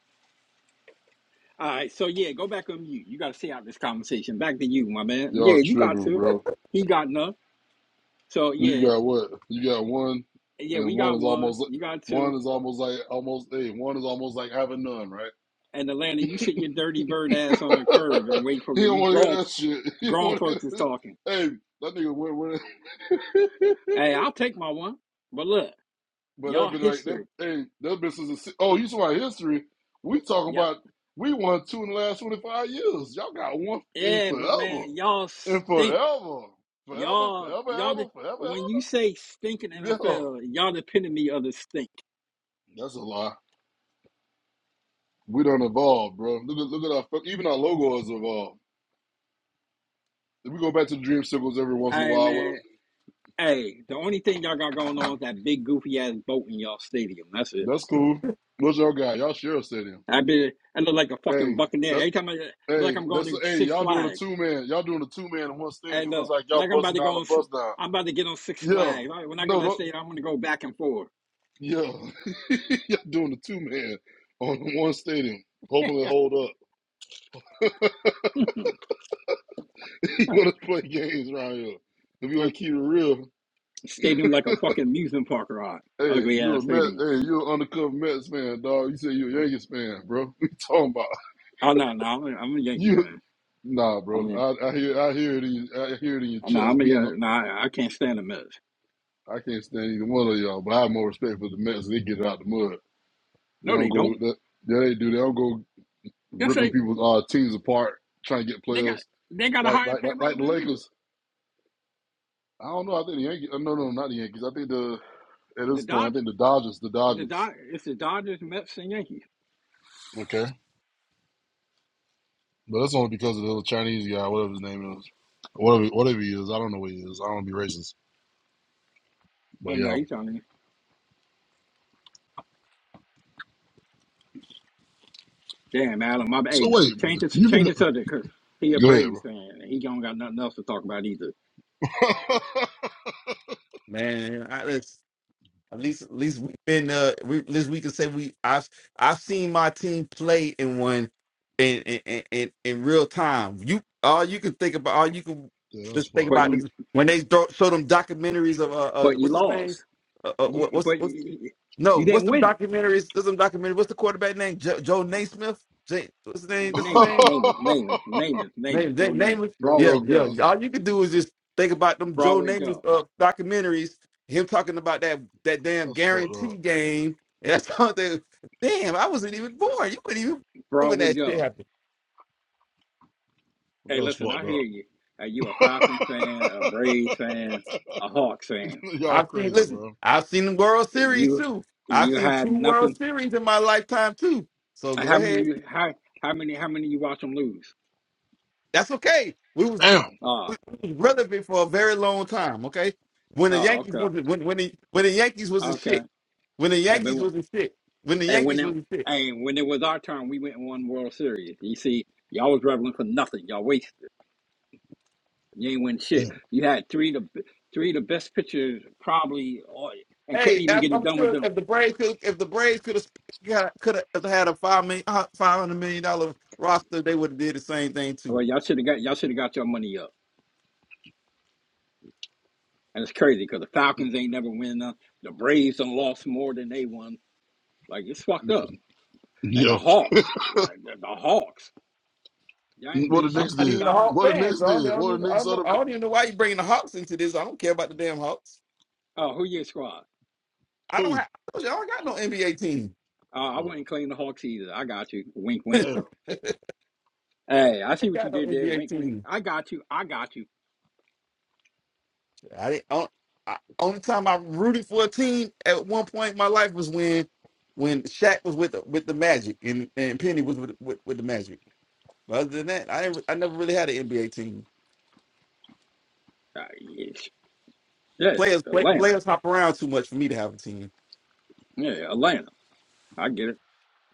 Speaker 2: All right, so yeah, go back on you. You gotta see out this conversation. Back to you, my man. Yeah,
Speaker 3: Y'all
Speaker 2: you got
Speaker 3: tripping,
Speaker 2: two.
Speaker 3: bro.
Speaker 2: He got none. So
Speaker 3: You
Speaker 2: yeah,
Speaker 3: got what? You got one,
Speaker 2: yeah, we
Speaker 3: and one
Speaker 2: got
Speaker 3: is
Speaker 2: one.
Speaker 3: almost
Speaker 2: You got
Speaker 3: one
Speaker 2: two.
Speaker 3: is almost like almost hey, one is almost like having none, right?
Speaker 2: And Atlanta, you sit your dirty bird ass on the curb and wait for
Speaker 3: He don't
Speaker 2: we
Speaker 3: want to
Speaker 2: grown
Speaker 3: hear that shit. He don't
Speaker 2: grown
Speaker 3: want to hear
Speaker 2: folks is
Speaker 3: this.
Speaker 2: talking.
Speaker 3: Hey, that nigga went with it.
Speaker 2: Hey, I'll take my one. But look,
Speaker 3: but
Speaker 2: y'all
Speaker 3: that been like that.
Speaker 2: history.
Speaker 3: Hey, that been since the, si- oh, you talking about history? We talking
Speaker 2: Yeah.
Speaker 3: about we won two in the last twenty five years. Y'all got one in
Speaker 2: Yeah, but
Speaker 3: forever,
Speaker 2: man, y'all
Speaker 3: in
Speaker 2: stink.
Speaker 3: forever, forever,
Speaker 2: Y'all,
Speaker 3: forever,
Speaker 2: y'all. The,
Speaker 3: ever, forever,
Speaker 2: when you
Speaker 3: ever.
Speaker 2: say stinking
Speaker 3: Yeah,
Speaker 2: NFL, y'all the epitome of the stink.
Speaker 3: that's a lie. We don't evolve, bro. Look at look at our fuck- even our logo has evolved. If we go back to the dream circles every once in a
Speaker 2: Hey,
Speaker 3: while with them,
Speaker 2: man. Hey, the only thing y'all got going on is that big goofy ass boat in y'all stadium. That's it.
Speaker 3: that's cool. What's y'all got? Y'all share a stadium.
Speaker 2: I be, I look like a fucking
Speaker 3: Hey,
Speaker 2: buccaneer
Speaker 3: that
Speaker 2: every time I look like
Speaker 3: hey,
Speaker 2: I'm going
Speaker 3: that's
Speaker 2: to
Speaker 3: hey,
Speaker 2: Six
Speaker 3: y'all doing a
Speaker 2: Flags.
Speaker 3: two man. Y'all doing a two man in one
Speaker 2: And
Speaker 3: stadium. Looks
Speaker 2: look,
Speaker 3: like y'all
Speaker 2: like I'm about
Speaker 3: busting
Speaker 2: to
Speaker 3: down
Speaker 2: go
Speaker 3: a
Speaker 2: on. s-
Speaker 3: bus down.
Speaker 2: I'm about to get on Six
Speaker 3: Yeah.
Speaker 2: Flags. All right, When I go
Speaker 3: No,
Speaker 2: to that
Speaker 3: no
Speaker 2: stadium, I'm gonna go back and forth.
Speaker 3: yeah. y'all doing a two man on one stadium. Hoping to hold up. you wanna play games around here. If you wanna keep it real.
Speaker 2: stadium like a fucking amusement park ride.
Speaker 3: Hey,
Speaker 2: Ugly
Speaker 3: you a
Speaker 2: ass
Speaker 3: Mets,
Speaker 2: stadium.
Speaker 3: hey, you an undercover Mets fan, dog. You say you a Yankees fan, bro. What you talking about?
Speaker 2: Oh no, no, I'm a, I'm a Yankee
Speaker 3: You
Speaker 2: fan.
Speaker 3: nah, bro.
Speaker 2: I'm a,
Speaker 3: I, I hear I hear it in I hear it in your
Speaker 2: I'm a,
Speaker 3: chest
Speaker 2: I'm a
Speaker 3: beating.
Speaker 2: Yan- no, I, I can't stand the Mets.
Speaker 3: I can't stand either one of y'all, but I have more respect for the Mets. They get it out the mud. They
Speaker 2: No,
Speaker 3: don't
Speaker 2: they don't.
Speaker 3: go that yeah, they do. They don't go
Speaker 2: Yes,
Speaker 3: ripping
Speaker 2: they
Speaker 3: people's uh, teams apart, trying to get
Speaker 2: they got
Speaker 3: players.
Speaker 2: they got a
Speaker 3: Like
Speaker 2: higher
Speaker 3: like like, like
Speaker 2: payroll
Speaker 3: the
Speaker 2: than we do.
Speaker 3: Lakers. I don't know. I think the Yankees. No, no, not the Yankees. I think the at
Speaker 2: The
Speaker 3: this point, I
Speaker 2: Dodge,
Speaker 3: think the Dodgers. The
Speaker 2: the
Speaker 3: Dodgers.
Speaker 2: Dodge, it's the Dodgers, Mets, and Yankees.
Speaker 3: Okay. But that's only because of the little Chinese guy, whatever his name is, whatever whatever he is. I don't know what he is. I don't want to be racist.
Speaker 2: Oh
Speaker 3: But
Speaker 2: no,
Speaker 3: yeah.
Speaker 2: he's on me. Damn, Adam, my bad.
Speaker 3: So
Speaker 2: hey,
Speaker 3: wait,
Speaker 2: change the
Speaker 3: you can
Speaker 2: change the subject 'cause he a
Speaker 3: go ahead, bro.
Speaker 2: Braves fan. and He don't got nothing else to talk about either.
Speaker 1: man, I, let's, at least at least we've been uh we at least we can say we I've I've seen my team play in one in in in, in in real time. You all you can think about all you can
Speaker 3: yeah, that's
Speaker 1: just think
Speaker 3: fucked
Speaker 2: But
Speaker 1: about
Speaker 3: up.
Speaker 2: you,
Speaker 1: is when they throw, show them documentaries of uh, uh
Speaker 2: but you
Speaker 1: what's his name
Speaker 2: lost.
Speaker 1: uh, uh what,
Speaker 2: You,
Speaker 1: what's
Speaker 2: but
Speaker 1: what's
Speaker 2: you,
Speaker 1: no
Speaker 2: you
Speaker 1: what's
Speaker 2: didn't
Speaker 1: them
Speaker 2: win.
Speaker 1: documentaries there's some documentary what's the quarterback name jo- Joe Naismith J- what's his name that's his
Speaker 2: Name it,
Speaker 1: name
Speaker 2: name it, name it, name it, name
Speaker 1: Name,
Speaker 2: it. Joe,
Speaker 1: name,
Speaker 2: name
Speaker 1: name
Speaker 2: it.
Speaker 3: but
Speaker 1: Yeah,
Speaker 2: Broadway
Speaker 3: y'all
Speaker 1: yeah.
Speaker 2: Joe,
Speaker 3: crazy.
Speaker 1: All you could do is just think about them Joe
Speaker 2: Broadway
Speaker 1: Namath
Speaker 2: Joe,
Speaker 1: uh, documentaries. Him talking about that that damn
Speaker 3: That's fucked
Speaker 1: guarantee
Speaker 3: up.
Speaker 1: game. And that's something. Damn, I wasn't even born. You weren't even born when
Speaker 2: Broadway
Speaker 1: that shit
Speaker 2: Joe.
Speaker 1: happened.
Speaker 2: Hey,
Speaker 3: That's
Speaker 2: listen,
Speaker 3: fucked
Speaker 2: I hear you. Are you a Falcon fan, a
Speaker 3: up.
Speaker 2: Braves fan, a Hawks fan.
Speaker 3: y'all
Speaker 1: I've seen.
Speaker 3: crazy,
Speaker 1: Listen,
Speaker 3: bro.
Speaker 1: I've seen the World
Speaker 2: And
Speaker 1: Series
Speaker 2: you
Speaker 1: too.
Speaker 2: and
Speaker 1: I've
Speaker 2: you
Speaker 1: seen
Speaker 2: had
Speaker 1: two
Speaker 2: nothing.
Speaker 1: World Series in my lifetime too. So
Speaker 2: uh,
Speaker 1: go
Speaker 2: How many
Speaker 1: ahead.
Speaker 2: you how how many how many you watch them lose?
Speaker 1: That's okay. We was
Speaker 3: Damn.
Speaker 2: Oh,
Speaker 1: we was relevant for a very long time. Okay, when the
Speaker 2: oh,
Speaker 1: Yankees was
Speaker 2: okay,
Speaker 1: when when the when the Yankees was in
Speaker 2: okay.
Speaker 1: shit, when the
Speaker 2: And then
Speaker 1: Yankees
Speaker 2: when-
Speaker 1: was in shit, when the
Speaker 2: and when
Speaker 1: Yankees
Speaker 2: it
Speaker 1: was in shit.
Speaker 2: and when it was our turn, we went and won World Series. You see, y'all was reveling for nothing. Y'all wasted. You ain't win shit.
Speaker 3: Damn.
Speaker 2: You had three of the three of the best pitchers probably, or, and couldn't
Speaker 1: Hey,
Speaker 2: even
Speaker 1: I,
Speaker 2: get it
Speaker 1: I'm
Speaker 2: done with
Speaker 1: sure
Speaker 2: them.
Speaker 1: if the Braves could if the Braves could have could have had a five million uh, five hundred million dollar roster, they would have did the same thing too.
Speaker 2: Well, y'all should have got y'all should have got your money up. And it's crazy because the Falcons ain't never win none. The Braves done lost more than they won. Like it's fucked up. And the
Speaker 3: Yo,
Speaker 2: Hawks, like the, the Hawks, y'all ain't
Speaker 3: what
Speaker 2: been
Speaker 3: the
Speaker 1: I'm,
Speaker 2: shit
Speaker 3: Knicks
Speaker 2: since
Speaker 3: did?
Speaker 2: Dominic.
Speaker 3: What the Knicks did?
Speaker 1: I
Speaker 3: What the Knicks
Speaker 1: don't
Speaker 3: other
Speaker 2: Oh, who your squad?
Speaker 1: I don't
Speaker 3: who?
Speaker 1: have. I I don't got no NBA team.
Speaker 2: Uh, I
Speaker 3: Oh,
Speaker 2: wouldn't claim the Hawks either. I got you. Wink, wink.
Speaker 3: damn.
Speaker 2: Hey, I
Speaker 1: I
Speaker 2: see
Speaker 1: ain't
Speaker 2: what you
Speaker 1: got no
Speaker 2: did there.
Speaker 1: NBA
Speaker 2: Wink, wink.
Speaker 1: team.
Speaker 2: I got you. I got you.
Speaker 1: I didn't. On, I, only time I rooted for a team at one point in my life was when when Shaq was with the, with the Magic and, and Penny was with, with with the Magic. But other than that, I didn't, I never really had an NBA team.
Speaker 2: Uh, yes. Yeah,
Speaker 1: Players play,
Speaker 2: Atlanta.
Speaker 1: players hop around too much for me to have a team.
Speaker 2: Yeah, Atlanta. I get it.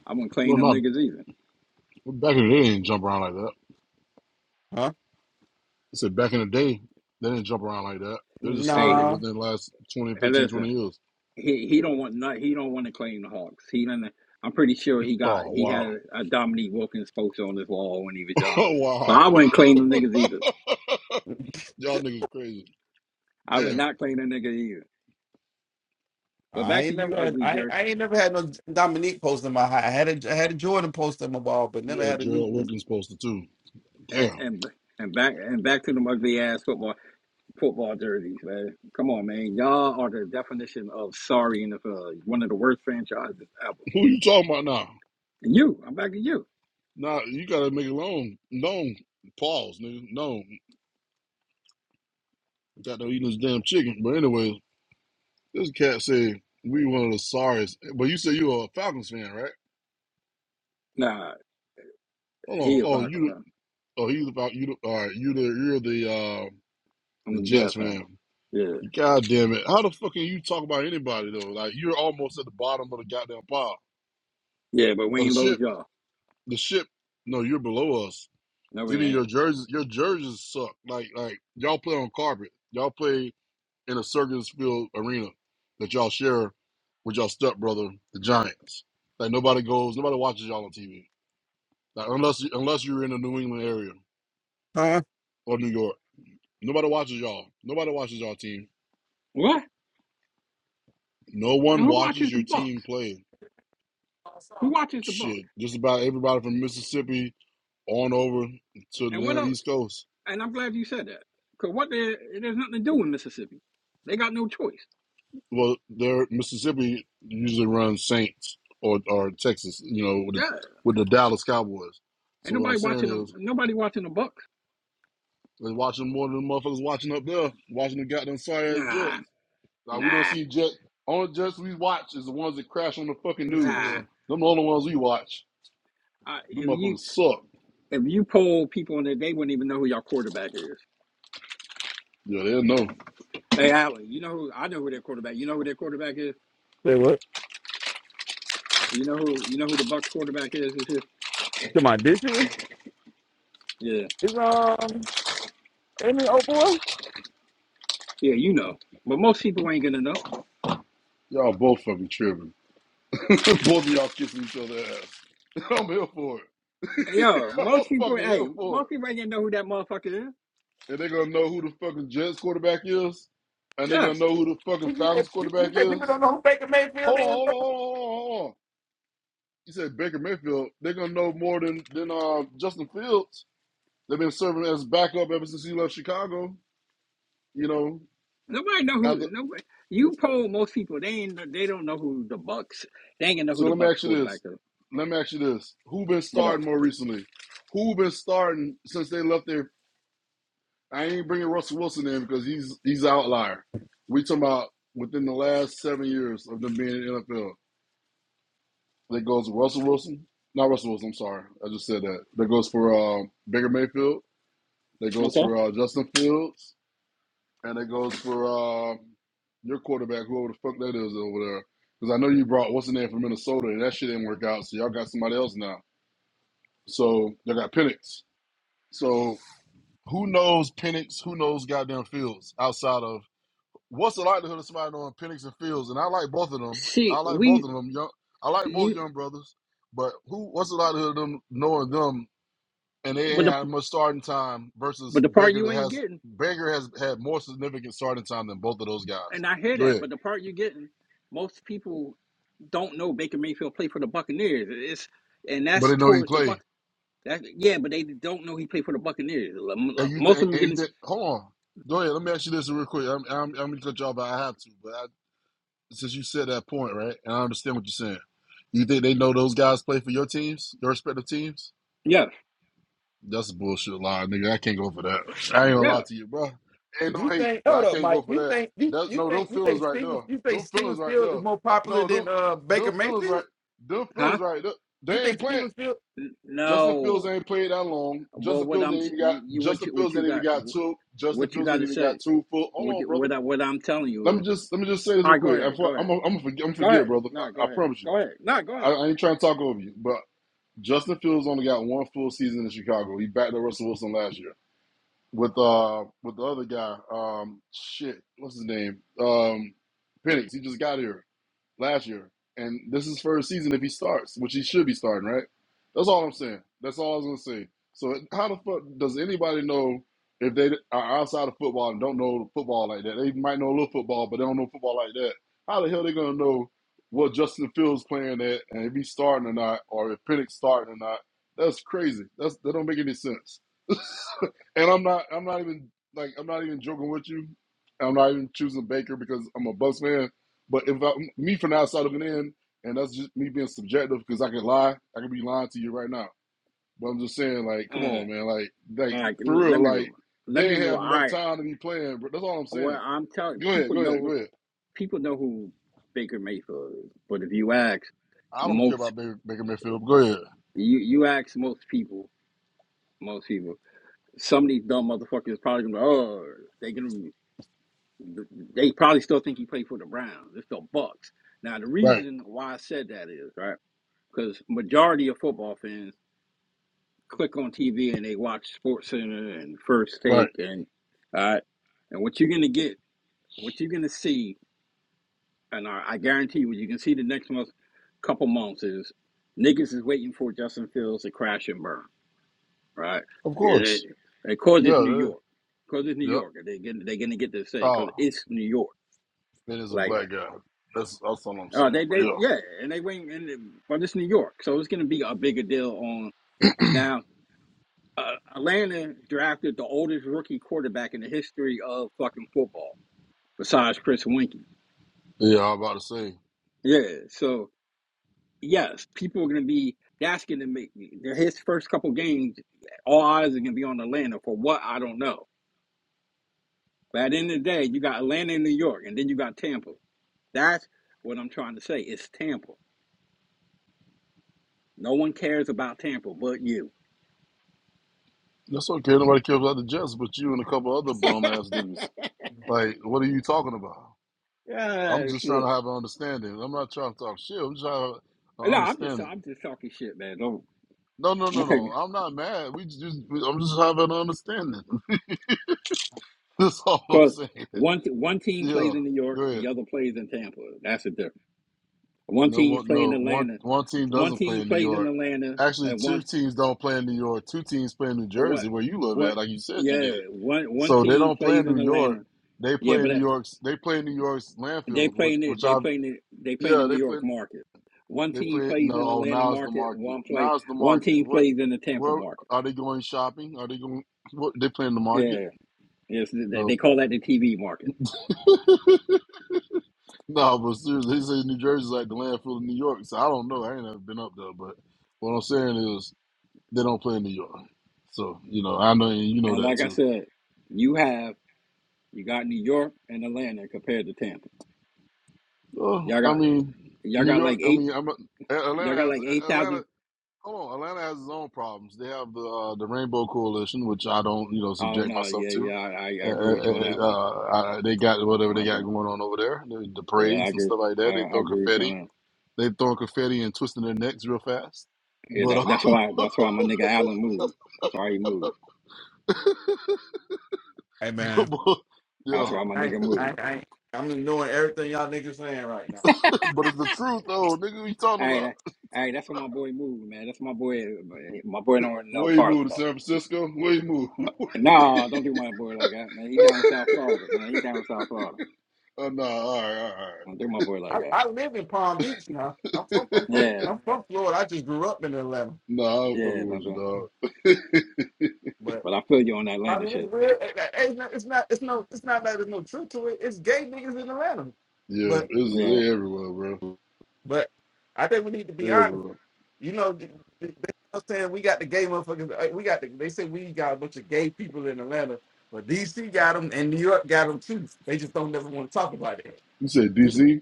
Speaker 2: I wouldn't
Speaker 3: No,
Speaker 2: claim them
Speaker 3: not
Speaker 2: niggas either.
Speaker 3: back in the day, they didn't jump around like that.
Speaker 1: Huh?
Speaker 3: I said back in the day, they didn't jump around like that. They just started
Speaker 2: Hey,
Speaker 1: Nah.
Speaker 3: within the last twenty,
Speaker 2: hey,
Speaker 3: fifteen,
Speaker 2: listen.
Speaker 3: twenty years.
Speaker 2: he he don't want not he don't want to claim the Hawks. He done I'm pretty sure he got
Speaker 3: Oh,
Speaker 2: he had
Speaker 3: wow.
Speaker 2: a Dominique Wilkins poster on his wall when he was young.
Speaker 3: Oh,
Speaker 2: But
Speaker 3: wow.
Speaker 2: I wouldn't claim them niggas either.
Speaker 3: Y'all niggas crazy.
Speaker 2: I would
Speaker 3: Damn.
Speaker 2: not claim them niggas either. But
Speaker 1: I
Speaker 2: back to
Speaker 1: ain't never
Speaker 2: you,
Speaker 1: had
Speaker 2: ugly
Speaker 1: I,
Speaker 2: jerk,
Speaker 1: I ain't never had no Dominique poster in my high. I had a I had a Jordan poster in my ball, but
Speaker 3: You
Speaker 1: never
Speaker 3: had a
Speaker 1: had a new
Speaker 3: Gerald Wilkins poster too.
Speaker 2: and
Speaker 3: Damn.
Speaker 2: and and back and back to them ugly ass football football jerseys, man. Come on, man. Y'all are the definition of sorry NFL. One of the worst franchises ever.
Speaker 3: Who you talking about now?
Speaker 2: And you, I'm back to you.
Speaker 3: Nah, you gotta make it long. No. Pause, nigga. No. Got to eating this damn chicken. But anyway, this cat said we one of the sorriest. But you said you were a Falcons fan, right?
Speaker 2: Nah,
Speaker 3: Hold on.
Speaker 2: he a
Speaker 3: Oh,
Speaker 2: Falcon
Speaker 3: you.
Speaker 2: fan.
Speaker 3: Oh, he's about you. the- All right. You the you're the uh
Speaker 2: I'm
Speaker 3: the
Speaker 2: a
Speaker 3: Jets
Speaker 2: Jets fan.
Speaker 3: fan.
Speaker 2: Yeah,
Speaker 3: God damn it. How the fuck can you talk about anybody though? Like you're almost at the bottom of the goddamn pile.
Speaker 2: yeah, but
Speaker 3: Of
Speaker 2: we
Speaker 3: the
Speaker 2: ain't low as
Speaker 3: ship.
Speaker 2: y'all.
Speaker 3: The ship. No, you're below us.
Speaker 2: No, we
Speaker 3: Even your
Speaker 2: ain't.
Speaker 3: jerseys your jerseys suck. Like like y'all play on carpet. Y'all play in a circus field arena that y'all share with y'all stepbrother, the Giants. Like nobody goes, nobody watches y'all on TV. Like unless you unless you're in the New England area or New York. Nobody watches y'all. Nobody watches y'all team.
Speaker 2: What?
Speaker 3: No
Speaker 2: And
Speaker 3: one
Speaker 2: who
Speaker 3: watches
Speaker 2: watches the
Speaker 3: your team
Speaker 2: Bucks?
Speaker 3: play.
Speaker 2: Who watches the Bucks?
Speaker 3: Shit, just about everybody from Mississippi on over to the
Speaker 2: And what
Speaker 3: damn
Speaker 2: else?
Speaker 3: East Coast.
Speaker 2: And I'm glad you said that because what there there's nothing to do in Mississippi. They got no choice.
Speaker 3: Well, there Mississippi usually runs Saints or or Texas, you know, with the,
Speaker 2: Yeah,
Speaker 3: with the Dallas Cowboys.
Speaker 2: ain't
Speaker 3: So what I'm
Speaker 2: nobody
Speaker 3: saying
Speaker 2: watching them.
Speaker 3: is,
Speaker 2: Nobody watching the Bucks.
Speaker 3: they're watching more than the motherfuckers watching up there, watching the goddamn sorry ass Jets.
Speaker 2: Nah,
Speaker 3: Now we don't
Speaker 2: nah,
Speaker 3: see Jets. Only Jets we watch is the ones that crash on the fucking
Speaker 2: nah.
Speaker 3: news. Them the only ones we watch.
Speaker 2: Uh,
Speaker 3: Them
Speaker 2: if you
Speaker 3: motherfuckers suck.
Speaker 2: if you poll people in there, they wouldn't even know who your quarterback is.
Speaker 3: Yeah, they know.
Speaker 2: Hey, Allen, you know who I know who their quarterback. You know who their quarterback is.
Speaker 1: Say what?
Speaker 2: You know who you know who the Bucks quarterback is.
Speaker 1: Come on, this year is
Speaker 2: Yeah,
Speaker 1: it's um Amy old boy?
Speaker 2: yeah, you know. But most people ain't gonna know.
Speaker 3: Y'all both fucking tripping. both of y'all kissing each other's ass. I'm here for it.
Speaker 2: Hey, Yo,
Speaker 3: I'm
Speaker 2: most people,
Speaker 3: fucking
Speaker 2: hey,
Speaker 3: here for
Speaker 2: most
Speaker 3: it.
Speaker 2: people ain't gonna know who that motherfucker is.
Speaker 3: And they're gonna know who the fucking Jets quarterback is, and they're gonna
Speaker 2: Yes,
Speaker 3: know who the fucking
Speaker 1: You said,
Speaker 3: Falcons
Speaker 1: you
Speaker 3: quarterback
Speaker 1: said people
Speaker 3: is.
Speaker 1: don't know who Baker Mayfield
Speaker 3: Hold on,
Speaker 1: is.
Speaker 3: hold on, hold on, hold on. hold You said Baker Mayfield. They're gonna know more than than uh, Justin Fields. They've been serving as backup ever since he left Chicago. You know.
Speaker 2: Nobody know who.
Speaker 3: After,
Speaker 2: Nobody. You poll most people. They ain't. They don't know who the Bucks. They ain't gonna know who
Speaker 3: so
Speaker 2: the
Speaker 3: let me
Speaker 2: Bucks
Speaker 3: ask you this.
Speaker 2: quarterback is.
Speaker 3: Let me ask you this: Who been
Speaker 2: But uh,
Speaker 3: starting more recently? Who been starting since they left their I ain't bringing Russell Wilson in because he's he's an outlier. We talking about within the last seven years of them being in the NFL. That goes Russell Wilson, not Russell Wilson. I'm sorry, I just said that. That goes for uh, Baker Mayfield. That goes
Speaker 2: okay.
Speaker 3: for uh, Justin Fields, and that goes for uh, your quarterback, whoever the fuck that is over there. Because I know you brought what's the name from Minnesota, and that shit didn't work out. So y'all got somebody else now. So y'all got Penix. So who knows Penix? Who knows goddamn Fields outside of What's the likelihood of somebody knowing Penix and Fields? And I like both of them.
Speaker 2: See,
Speaker 3: I like both
Speaker 2: we.
Speaker 3: of them. Young, I like both
Speaker 2: You,
Speaker 3: young brothers. But who? What's the likelihood of them knowing them? And they
Speaker 2: but
Speaker 3: ain't
Speaker 2: the
Speaker 3: had much starting time versus
Speaker 2: but the part
Speaker 3: Baker
Speaker 2: you
Speaker 3: that
Speaker 2: ain't
Speaker 3: has
Speaker 2: getting,
Speaker 3: Baker has had more significant starting time than both of those guys.
Speaker 2: and I hear
Speaker 3: Go
Speaker 2: that.
Speaker 3: ahead.
Speaker 2: But the part you getting, most people don't know Baker Mayfield played for the Buccaneers. It's and
Speaker 3: But
Speaker 2: that's
Speaker 3: they know he
Speaker 2: towards the
Speaker 3: play.
Speaker 2: Bucks. That yeah, but they don't know he played for the Buccaneers.
Speaker 3: And you
Speaker 2: Most
Speaker 3: think?
Speaker 2: of them
Speaker 3: And you
Speaker 2: gonna.
Speaker 3: think? Hold on. Go ahead. Let me ask you this real quick. I'm I'm, I'm gonna cut you off, but I have to. But I, since you said that point, right? And I understand what you're saying. You think they know those guys play for your teams, your respective teams?
Speaker 2: Yeah,
Speaker 3: That's a bullshit lie, nigga. I can't go for that. I ain't gonna
Speaker 2: yeah.
Speaker 3: lie to you, bro. Ain't no
Speaker 1: You
Speaker 3: hate,
Speaker 1: think?
Speaker 3: but
Speaker 1: Hold
Speaker 3: I
Speaker 1: up,
Speaker 3: can't go
Speaker 1: Mike.
Speaker 3: for
Speaker 1: You
Speaker 3: that.
Speaker 1: think you,
Speaker 3: That's
Speaker 1: you
Speaker 3: no them
Speaker 1: think you
Speaker 3: feelings
Speaker 1: think
Speaker 3: right
Speaker 1: Stevens
Speaker 3: there.
Speaker 1: you think
Speaker 3: Them feelings
Speaker 1: Stevens
Speaker 3: right
Speaker 1: Field is
Speaker 3: there.
Speaker 1: more popular
Speaker 3: No,
Speaker 1: than
Speaker 3: them
Speaker 1: uh Baker
Speaker 3: them feelings
Speaker 1: Mayfield?
Speaker 3: right. Them
Speaker 2: Huh?
Speaker 3: feelings right there.
Speaker 1: You think?
Speaker 3: They ain't playing. Justin Fields
Speaker 2: No.
Speaker 3: ain't played that long.
Speaker 2: Well,
Speaker 3: Justin
Speaker 2: what
Speaker 3: Fields
Speaker 2: I'm
Speaker 3: ain't even got.
Speaker 2: you, you what
Speaker 3: Justin
Speaker 2: you what
Speaker 3: Fields
Speaker 2: you
Speaker 3: ain't even
Speaker 2: got
Speaker 3: got two. Justin
Speaker 2: what you
Speaker 3: Fields
Speaker 2: got
Speaker 3: ain't
Speaker 2: to
Speaker 3: even
Speaker 2: say?
Speaker 3: got two full. Hold
Speaker 2: What
Speaker 3: on, brother.
Speaker 2: what I, what I'm telling you
Speaker 3: Let me
Speaker 2: is,
Speaker 3: just let me just say this
Speaker 2: all
Speaker 3: real
Speaker 2: right, go
Speaker 3: quick. I'm
Speaker 2: ahead, go
Speaker 3: I'm
Speaker 2: ahead,
Speaker 3: I'm gonna forget, I'm
Speaker 2: go
Speaker 3: forget
Speaker 2: ahead.
Speaker 3: brother.
Speaker 2: No,
Speaker 3: I,
Speaker 2: go
Speaker 3: I
Speaker 2: ahead,
Speaker 3: promise you.
Speaker 2: go ahead. No, go
Speaker 3: I,
Speaker 2: ahead.
Speaker 3: I ain't trying to talk over you, but Justin Fields only got one full season in Chicago. He backed up Russell Wilson last year with uh with the other guy. Um, shit, what's his name? Um, Penix. He just got here last year, and this is his first season if he starts, which he should be starting, right? That's all I'm saying. That's all I was gonna say. So how the fuck does anybody know if they are outside of football and don't know football like that? They might know a little football, but they don't know football like that. How the hell are they gonna know what Justin Fields playing at and if he's starting or not, or if Penix starting or not? That's crazy. That's that don't make any sense. And I'm not I'm not even like I'm not even joking with you. I'm not even choosing Baker because I'm a Bucks fan. But if I, me from the outside looking in, and that's just me being subjective because I can lie, I can be lying to you right now. But I'm just saying, like, come
Speaker 2: Uh,
Speaker 3: on, man, like, like
Speaker 2: all right,
Speaker 3: for
Speaker 2: l- let
Speaker 3: real,
Speaker 2: me
Speaker 3: like
Speaker 2: remember. Let
Speaker 3: they
Speaker 2: me
Speaker 3: ain't
Speaker 2: remember.
Speaker 3: have
Speaker 2: All
Speaker 3: enough
Speaker 2: right,
Speaker 3: time to be playing. But that's all I'm
Speaker 2: what
Speaker 3: saying.
Speaker 2: I'm telling
Speaker 3: Go ahead,
Speaker 2: people
Speaker 3: go
Speaker 2: know
Speaker 3: ahead, go
Speaker 2: who
Speaker 3: ahead.
Speaker 2: people know who Baker Mayfield is, but if you ask
Speaker 3: I don't care
Speaker 2: most,
Speaker 3: about Baker, Baker Mayfield. But go ahead.
Speaker 2: you you ask most people, most people, some of these dumb motherfuckers probably gonna be, like, oh they gonna they probably still think he played for the Browns. It's the Bucks. Now the
Speaker 3: Right,
Speaker 2: reason why I said that is right because majority of football fans click on TV and they watch SportsCenter and First
Speaker 3: right.
Speaker 2: Take and uh, and what you're gonna get, what you're gonna see, and I, I guarantee what you can see the next month, couple months is niggas is waiting for Justin Fields to crash and burn, right?
Speaker 3: Of
Speaker 2: It,
Speaker 3: course.
Speaker 2: it, cause
Speaker 3: Yeah.
Speaker 2: it's New
Speaker 3: that-
Speaker 2: York, cause it's New
Speaker 3: Yep.
Speaker 2: York. They get they gonna get this thing,
Speaker 3: Oh,
Speaker 2: cause it's New York.
Speaker 3: that is a
Speaker 2: Like,
Speaker 3: black guy. That's that's all I'm
Speaker 2: oh, uh, they
Speaker 3: saying. But
Speaker 2: they
Speaker 3: yeah,
Speaker 2: yeah, and they wait, and but it's New York, so it's gonna be a bigger deal on now. uh, Atlanta drafted the oldest rookie quarterback in the history of fucking football, besides Chris Winkie.
Speaker 3: yeah. I'm about to say.
Speaker 2: Yeah, so yes, people are gonna be asking to make they his first couple games. All eyes are gonna be on Atlanta for what I don't know. But at the end of the day, you got Atlanta and New York, and then you got Tampa. That's what I'm trying to say. It's Tampa. No one cares about Tampa but you.
Speaker 3: That's okay. Nobody cares about the Jets, but you and a couple other bum ass niggas. Like, what are you talking about? I'm
Speaker 2: yeah,
Speaker 3: just trying to
Speaker 2: shit.
Speaker 3: have an understanding. I'm not trying to talk shit. I'm just trying to have an
Speaker 2: No, I'm just
Speaker 3: understanding.
Speaker 2: I'm just talking shit, man. Don't
Speaker 3: No, no,
Speaker 2: I
Speaker 3: no,
Speaker 2: take me
Speaker 3: no. I'm not mad. We just, we- I'm just having an understanding. That's all I'm
Speaker 2: Because
Speaker 3: saying.
Speaker 2: one t- one team
Speaker 3: Yeah,
Speaker 2: plays in New
Speaker 3: go
Speaker 2: York,
Speaker 3: ahead.
Speaker 2: the other plays in Tampa. That's the difference. One
Speaker 3: No
Speaker 2: team
Speaker 3: one,
Speaker 2: plays
Speaker 3: no
Speaker 2: in
Speaker 3: one.
Speaker 2: Atlanta,
Speaker 3: One team
Speaker 2: one
Speaker 3: doesn't play
Speaker 2: team
Speaker 3: in New
Speaker 2: plays in
Speaker 3: York.
Speaker 2: Atlanta,
Speaker 3: Actually,
Speaker 2: and
Speaker 3: two
Speaker 2: one
Speaker 3: teams don't play in New York. Two teams play in New
Speaker 2: what
Speaker 3: Jersey, where you live at.
Speaker 2: what
Speaker 3: Like you said, you
Speaker 2: yeah
Speaker 3: did.
Speaker 2: one one
Speaker 3: So they
Speaker 2: team
Speaker 3: don't play in
Speaker 2: plays
Speaker 3: New
Speaker 2: in
Speaker 3: York.
Speaker 2: Atlanta.
Speaker 3: They
Speaker 2: Yeah,
Speaker 3: play
Speaker 2: but
Speaker 3: in New
Speaker 2: that-
Speaker 3: York's. They play in New York's
Speaker 2: they
Speaker 3: landfill, which
Speaker 2: playing it.
Speaker 3: which
Speaker 2: They
Speaker 3: I
Speaker 2: playing it. They playing the
Speaker 3: yeah
Speaker 2: New
Speaker 3: they play
Speaker 2: York market. One
Speaker 3: they
Speaker 2: team
Speaker 3: play no
Speaker 2: plays in the
Speaker 3: oh
Speaker 2: Atlanta
Speaker 3: now's the
Speaker 2: market.
Speaker 3: market
Speaker 2: One play.
Speaker 3: now's the
Speaker 2: One
Speaker 3: market
Speaker 2: team
Speaker 3: what
Speaker 2: plays in the Tampa
Speaker 3: where
Speaker 2: market.
Speaker 3: are they going shopping are they going what they play in the market
Speaker 2: Yeah, yes, they they
Speaker 3: no
Speaker 2: call that the TV market.
Speaker 3: no but seriously he says New Jersey's like the landfill of New York so I don't know I ain't never been up there but what I'm saying is they don't play in New York so you know I know and you know
Speaker 2: And
Speaker 3: that
Speaker 2: like I
Speaker 3: too
Speaker 2: said, you have you got New York and Atlanta compared to Tampa.
Speaker 3: well
Speaker 2: Y'all
Speaker 3: I
Speaker 2: got
Speaker 3: mean
Speaker 2: Y'all
Speaker 3: New
Speaker 2: got like
Speaker 3: York I mean
Speaker 2: eight.
Speaker 3: I'm a, Atlanta
Speaker 2: Y'all got
Speaker 3: has
Speaker 2: like eight
Speaker 3: Atlanta.
Speaker 2: thousand.
Speaker 3: Hold on, Atlanta has its own problems. They have the uh, the Rainbow Coalition, which I don't, you know,
Speaker 2: Oh
Speaker 3: subject
Speaker 2: no,
Speaker 3: myself
Speaker 2: yeah, yeah.
Speaker 3: to.
Speaker 2: I, I I
Speaker 3: Uh,
Speaker 2: agree with you on
Speaker 3: uh,
Speaker 2: that one.
Speaker 3: uh, I, they got whatever they
Speaker 2: my
Speaker 3: got
Speaker 2: girl.
Speaker 3: going on over there, the, the
Speaker 2: Yeah, I
Speaker 3: parades and
Speaker 2: agree.
Speaker 3: stuff like
Speaker 2: I,
Speaker 3: that. They
Speaker 2: I
Speaker 3: throw
Speaker 2: agree with you
Speaker 3: confetti.
Speaker 2: on that.
Speaker 3: They throw confetti and twisting their necks real fast.
Speaker 2: Yeah,
Speaker 3: But,
Speaker 2: that, that's
Speaker 3: uh,
Speaker 2: why. That's why my nigga Allen moved. That's why he moved.
Speaker 1: Hey man,
Speaker 3: but, but
Speaker 2: That's
Speaker 3: yeah,
Speaker 1: I
Speaker 2: why my
Speaker 1: I
Speaker 2: nigga
Speaker 1: I,
Speaker 2: moved.
Speaker 1: I I'm ignoring everything y'all niggas saying right now.
Speaker 3: but it's the truth though, nigga. What you talking
Speaker 2: Hey,
Speaker 3: about?
Speaker 2: that, hey, that's why my boy moved, man. That's my boy. My boy don't know
Speaker 3: Where you
Speaker 2: parts
Speaker 3: move
Speaker 2: of
Speaker 3: to
Speaker 2: that.
Speaker 3: San Francisco? Where you move?
Speaker 2: No, don't do my boy like that, man. He down in South Florida, man. He down in South Florida.
Speaker 3: oh, nah, all right, all right. all right.
Speaker 2: Don't do my boy like
Speaker 1: I,
Speaker 2: that.
Speaker 1: I live in Palm Beach now. I'm from I'm from,
Speaker 2: Yeah,
Speaker 1: I'm from Florida. I just grew up in Atlanta,
Speaker 3: nah, I'm
Speaker 2: yeah,
Speaker 3: fucking with
Speaker 2: don't
Speaker 3: you,
Speaker 2: do.
Speaker 3: dog.
Speaker 1: but
Speaker 2: But I feel you on that
Speaker 1: I
Speaker 2: Atlanta
Speaker 1: mean it's
Speaker 2: shit.
Speaker 1: real. It- it- It's not it's not it's no it's not that there's no truth to it. It's gay niggas in Atlanta,
Speaker 3: Yeah,
Speaker 1: but
Speaker 3: it's,
Speaker 2: Yeah.
Speaker 3: they're everywhere, bro.
Speaker 1: but I think we need to be
Speaker 3: They're
Speaker 1: honest.
Speaker 3: everywhere.
Speaker 1: You know, th- th- they know saying we got the gay motherfuckers. uh, We got the, they say we got a bunch of gay people in Atlanta, but DC got them and New York got them too. They just don't never want to talk about
Speaker 3: You said
Speaker 1: it.
Speaker 3: DC?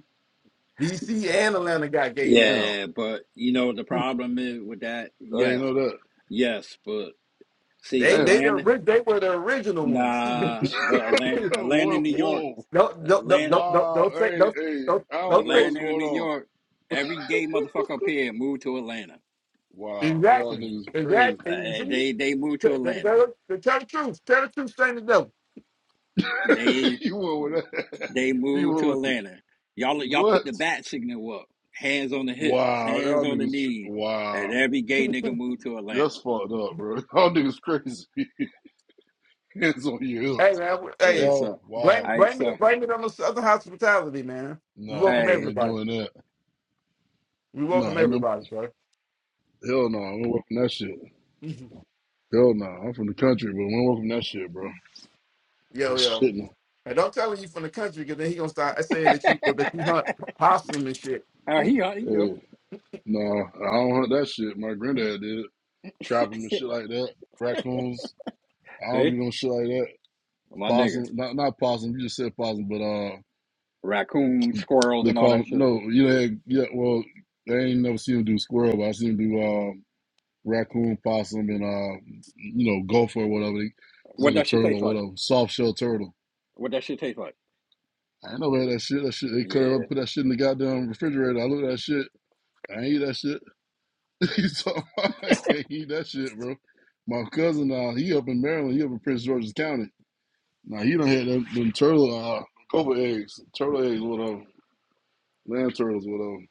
Speaker 1: DC and Atlanta got gay niggas.
Speaker 3: Damn.
Speaker 2: Yeah, but you know the problem is with that.
Speaker 3: I ain't
Speaker 2: Yes,
Speaker 3: know that.
Speaker 2: yes, but see,
Speaker 1: They they the
Speaker 3: Damn.
Speaker 2: Atlanta,
Speaker 1: ori- they were the original ones. don't,
Speaker 2: nah, but Atlanta, Atlanta,
Speaker 3: whoa,
Speaker 2: New York,
Speaker 3: whoa.
Speaker 1: don't don't
Speaker 2: Atlanta,
Speaker 1: don't don't
Speaker 3: Wow.
Speaker 1: don't say
Speaker 3: Hey,
Speaker 1: don't
Speaker 3: hey,
Speaker 1: don't
Speaker 3: I don't
Speaker 1: don't
Speaker 3: know
Speaker 1: say
Speaker 3: what's
Speaker 2: Atlanta, and
Speaker 3: going
Speaker 2: New
Speaker 3: on.
Speaker 2: York. Every gay motherfucker up here moved to Atlanta.
Speaker 3: Wow. Y'all
Speaker 1: exactly
Speaker 3: niggas crazy.
Speaker 2: Uh,
Speaker 1: exactly.
Speaker 2: eh,
Speaker 1: See,
Speaker 2: they they moved to
Speaker 1: Th- th-
Speaker 2: Atlanta.
Speaker 1: th- th- tell the truth. Tell the truth, saying the devil.
Speaker 2: They
Speaker 3: you went with that.
Speaker 2: they
Speaker 3: You
Speaker 2: moved to
Speaker 3: went with
Speaker 2: Atlanta. Y'all y'all
Speaker 3: What?
Speaker 2: put the bat signal up, hands on the hips,
Speaker 3: Wow.
Speaker 2: hands
Speaker 3: Y'all
Speaker 2: on the
Speaker 3: niggas. tr-
Speaker 2: knees,
Speaker 3: Wow.
Speaker 2: and every gay nigga moved to
Speaker 3: That's
Speaker 2: Atlanta.
Speaker 3: fucked up, bro. Y'all niggas crazy. Hands on your
Speaker 1: Hey
Speaker 3: hips.
Speaker 1: man, w-
Speaker 2: Yeah,
Speaker 1: hey,
Speaker 3: Y'all,
Speaker 2: so
Speaker 3: wow.
Speaker 1: blame
Speaker 2: I
Speaker 1: blame it
Speaker 2: so
Speaker 1: blame it on the Southern hospitality, man. We
Speaker 3: Nah,
Speaker 1: welcome
Speaker 2: hey.
Speaker 3: we ain't
Speaker 1: everybody.
Speaker 3: doing that.
Speaker 1: We welcome
Speaker 3: Nah, no,
Speaker 1: everybody, bro.
Speaker 3: hell no. Nah, we ain't working that shit.
Speaker 1: yo,
Speaker 3: Hell no, I'm from the country, but we don't welcome that shit, bro. It's
Speaker 1: yo.
Speaker 3: shit, no.
Speaker 1: And don't tell him you from the country because then he gonna start saying that you that you hunt possum and shit.
Speaker 2: Uh,
Speaker 1: hey,
Speaker 2: he, uh, he do.
Speaker 3: Hey, nah, I don't hunt that shit. My granddad did. Trap 'em and shit like that. Raccoons. I don't do
Speaker 2: See?
Speaker 3: no shit like that.
Speaker 2: My niggas.
Speaker 3: Possum, not not possum. You just said possum, but uh,
Speaker 2: Raccoons, squirrels,
Speaker 3: they
Speaker 2: and all
Speaker 3: call
Speaker 2: that shit.
Speaker 3: no. You know, hey, yeah. Well, I ain't never seen them do squirrel, but I seen them do uh, raccoon, possum, and uh, you know, gopher or whatever. They- It's
Speaker 2: What
Speaker 3: like a
Speaker 2: that shit
Speaker 3: turtle,
Speaker 2: taste
Speaker 3: or
Speaker 2: like?
Speaker 3: whatever. Soft shell turtle.
Speaker 2: What that shit taste like?
Speaker 3: I ain't never had that shit. That shit. They could
Speaker 2: Yeah.
Speaker 3: have put that shit in the goddamn refrigerator. I look at that shit. I ain't eat that shit. He's talking about, he that shit, bro. My cousin now, he up in Maryland, he up in Prince George's County. Now he done had them, them turtle uh cobra eggs, turtle eggs, whatever, land turtles, whatever.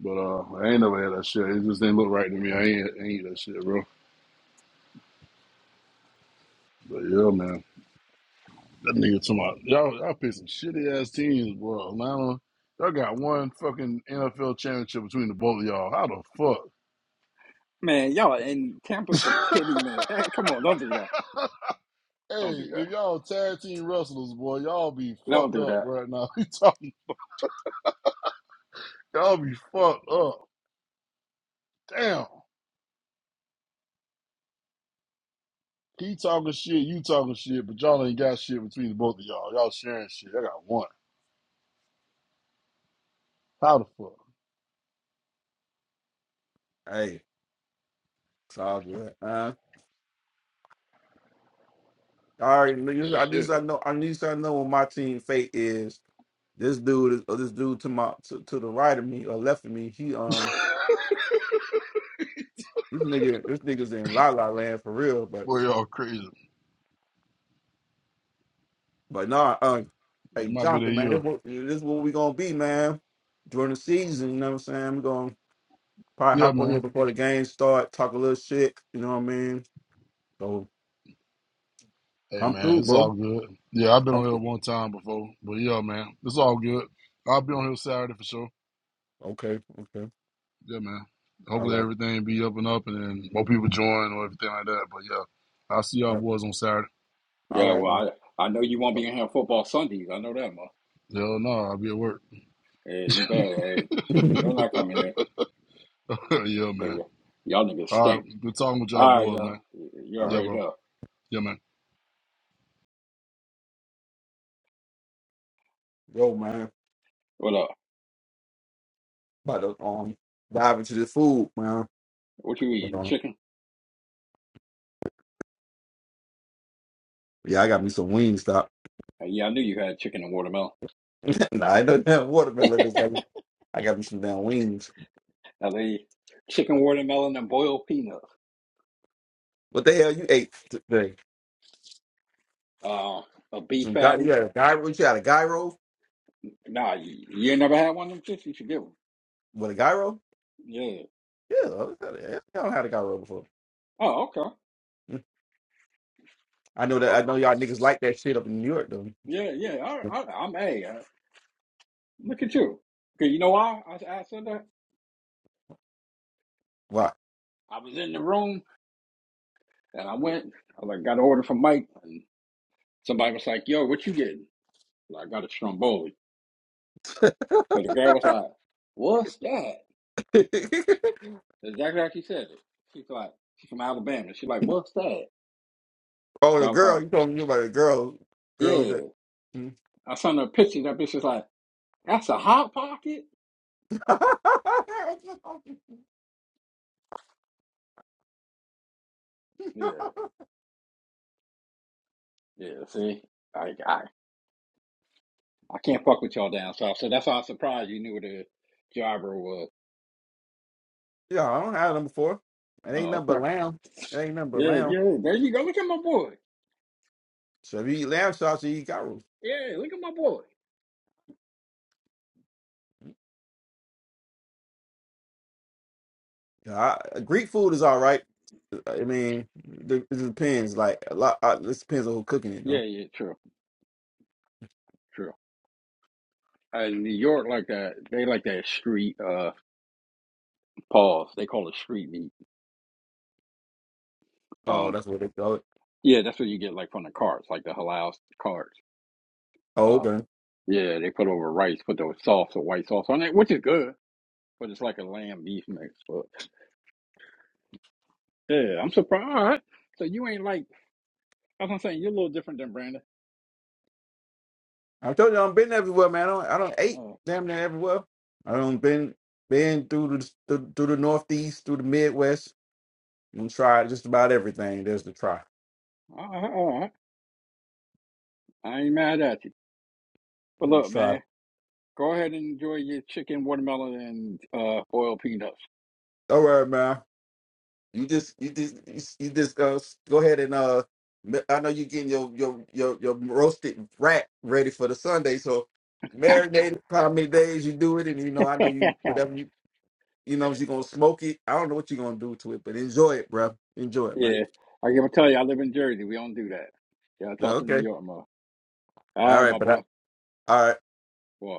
Speaker 3: But uh, I ain't never had that shit. It just didn't look right to me. I ain't, I ain't eat that shit, bro. But yeah, man, that nigga talking about y'all. Y'all pick some shitty ass teams, bro. Atlanta, y'all got one fucking NFL championship between the both of y'all. How the
Speaker 2: Man, y'all in Tampa's a
Speaker 3: fuck?
Speaker 2: pity, man. Hey, come on, don't do that. Don't
Speaker 3: Hey,
Speaker 2: do that.
Speaker 3: if y'all tag team wrestlers, boy, y'all be
Speaker 2: Don't
Speaker 3: fucked
Speaker 2: do
Speaker 3: up
Speaker 2: that.
Speaker 3: right now. You talking. Y'all be fucked up. Damn. He talking shit, you talking shit, but y'all ain't got shit between the both of y'all. Y'all sharing shit. I got one. How the fuck?
Speaker 1: it's all good. Uh, all right, nigga, at least
Speaker 3: Shit.
Speaker 1: I know. At least I know what my team fate is. This dude is or this dude to my to, to the right of me or left of me. He um this nigga this nigga's in la la land for real.
Speaker 3: Boy, y'all crazy.
Speaker 1: But nah, uh,
Speaker 3: It
Speaker 1: hey
Speaker 3: might be that
Speaker 1: Jonathan, man,
Speaker 3: year.
Speaker 1: this what this what we gonna be, man. During the season, you know what I'm saying? We're gonna probably
Speaker 3: Yeah,
Speaker 1: hop on here
Speaker 3: man.
Speaker 1: before the game start, talk a little shit, you know what I mean? So
Speaker 3: Hey,
Speaker 1: come
Speaker 3: man,
Speaker 1: through,
Speaker 3: it's
Speaker 1: bro.
Speaker 3: all good. Yeah, I've been
Speaker 1: Come
Speaker 3: on here
Speaker 1: through.
Speaker 3: one time before, but yeah, man, it's all good. I'll be on here Saturday for sure.
Speaker 1: Okay, okay.
Speaker 3: Yeah, man.
Speaker 1: All
Speaker 3: Hopefully
Speaker 1: right.
Speaker 3: everything be up and up and then more people join or everything like that. But yeah, I'll see y'all
Speaker 1: Yep.
Speaker 3: boys on Saturday.
Speaker 1: All
Speaker 2: Yeah,
Speaker 1: right, man.
Speaker 2: well, I, I know you won't be in here football Sundays. I know that, man.
Speaker 3: Hell no, I'll be at work.
Speaker 2: Hey, you better, hey, you better not come in here.
Speaker 3: yeah,
Speaker 2: Hey,
Speaker 3: man.
Speaker 2: y- y'all niggas
Speaker 3: All
Speaker 2: stink.
Speaker 3: right, good talking with y'all
Speaker 2: All right,
Speaker 3: boys,
Speaker 2: y'all.
Speaker 3: man.
Speaker 2: You
Speaker 1: All right.
Speaker 3: Yeah,
Speaker 2: already
Speaker 3: bro.
Speaker 2: know.
Speaker 3: Yeah, man.
Speaker 1: Yo, man.
Speaker 2: What up?
Speaker 1: About to um dive into this food, man.
Speaker 2: What you
Speaker 1: But,
Speaker 2: eating?
Speaker 1: um,
Speaker 2: Chicken?
Speaker 1: yeah, I got me some wings, stop.
Speaker 2: Uh, yeah, I knew you had chicken and watermelon.
Speaker 1: nah, I don't have watermelon. This, got me, I got me some damn wings.
Speaker 2: I they eat chicken, watermelon, and boiled peanuts.
Speaker 1: What the hell you ate today?
Speaker 2: Uh, a beef
Speaker 1: Some guy,
Speaker 2: patty.
Speaker 1: you had a gyro? You had a gyro?
Speaker 2: Nah, you, you ain't never had one of them chips. You should get one.
Speaker 1: With a gyro?
Speaker 2: Yeah.
Speaker 1: Yeah, uh, yeah, yeah, yeah. y'all don't had a gyro before.
Speaker 2: Oh, okay.
Speaker 1: Mm. I know that. I
Speaker 2: Okay.
Speaker 1: know y'all niggas like that shit up in New York though.
Speaker 2: Yeah, yeah. I, I, I'm a. uh, Look at you. Cause you know why I, I said that?
Speaker 1: Why?
Speaker 2: I was in the room and I went. I like got an order from Mike, and somebody was like, "Yo, what you getting?" Like, I got a stromboli.
Speaker 1: oh,
Speaker 2: So the girl was like, "What's that?" Exactly like you said it. She's like, she's from Alabama. She's like, "What's that?" So
Speaker 1: the
Speaker 2: I was like,
Speaker 1: girl. You talking about the girl? Girl. you
Speaker 2: "Yeah."
Speaker 1: said- Hmm.
Speaker 2: I sent her a picture. That bitch was like, "That's a hot pocket." Yeah. Yeah, see, I, I I can't fuck with y'all down south, so that's why I was surprised you knew what a jobber was.
Speaker 1: yeah, I don't have them before. It ain't
Speaker 2: Oh,
Speaker 1: nothing but
Speaker 2: okay.
Speaker 1: lamb. It ain't nothing but
Speaker 2: Yeah,
Speaker 1: lamb.
Speaker 2: yeah. There you go. Look at my boy.
Speaker 1: So if you eat lamb chops, you eat gyros.
Speaker 2: Yeah, look at my boy.
Speaker 1: Yeah, I, uh, Greek food is all right. Uh, I mean, it depends. Like a lot. uh this depends on who cooking it
Speaker 2: Yeah,
Speaker 1: though.
Speaker 2: yeah. True, true. Uh, in New York like that. They like that street uh pause. They call it street meat.
Speaker 1: Oh,
Speaker 2: Um,
Speaker 1: that's what they call it.
Speaker 2: yeah, that's what you get like from the carts, like the halal carts.
Speaker 1: Oh,
Speaker 2: Uh,
Speaker 1: okay.
Speaker 2: yeah, they put over rice, put the sauce or white sauce on it, which is good, but it's like a lamb beef mix. But yeah, I'm surprised. So you ain't like. That's what I'm saying. You're a little different than Brandon.
Speaker 1: I told you I've been everywhere, man. I don't, I don't ate
Speaker 2: No.
Speaker 1: damn near everywhere. I don't been been through the through, through the Northeast, through the Midwest, and tried just about everything. There's the try.
Speaker 2: All right, all right. I ain't mad at you. But
Speaker 1: And
Speaker 2: look,
Speaker 1: try.
Speaker 2: man, go ahead and enjoy your chicken, watermelon, and uh, oil peanuts.
Speaker 1: All right, man. You just you just you s- you just uh, go ahead and uh. ma- I know you getting your your your your roasted rat ready for the Sunday, so marinated. How many days you do it, and you know I know you
Speaker 2: yeah.
Speaker 1: whatever you you know you gonna smoke it. I don't know what you're gonna do to it, but enjoy it, bro. Enjoy it, man.
Speaker 2: I gotta tell you, I live in Jersey. We don't do that. Yeah, I
Speaker 1: Yeah,
Speaker 2: talk to New
Speaker 1: Okay.
Speaker 2: York more. All
Speaker 1: All
Speaker 2: right,
Speaker 1: right,
Speaker 2: my
Speaker 1: but I,
Speaker 2: boy.
Speaker 1: All right.
Speaker 2: Boy.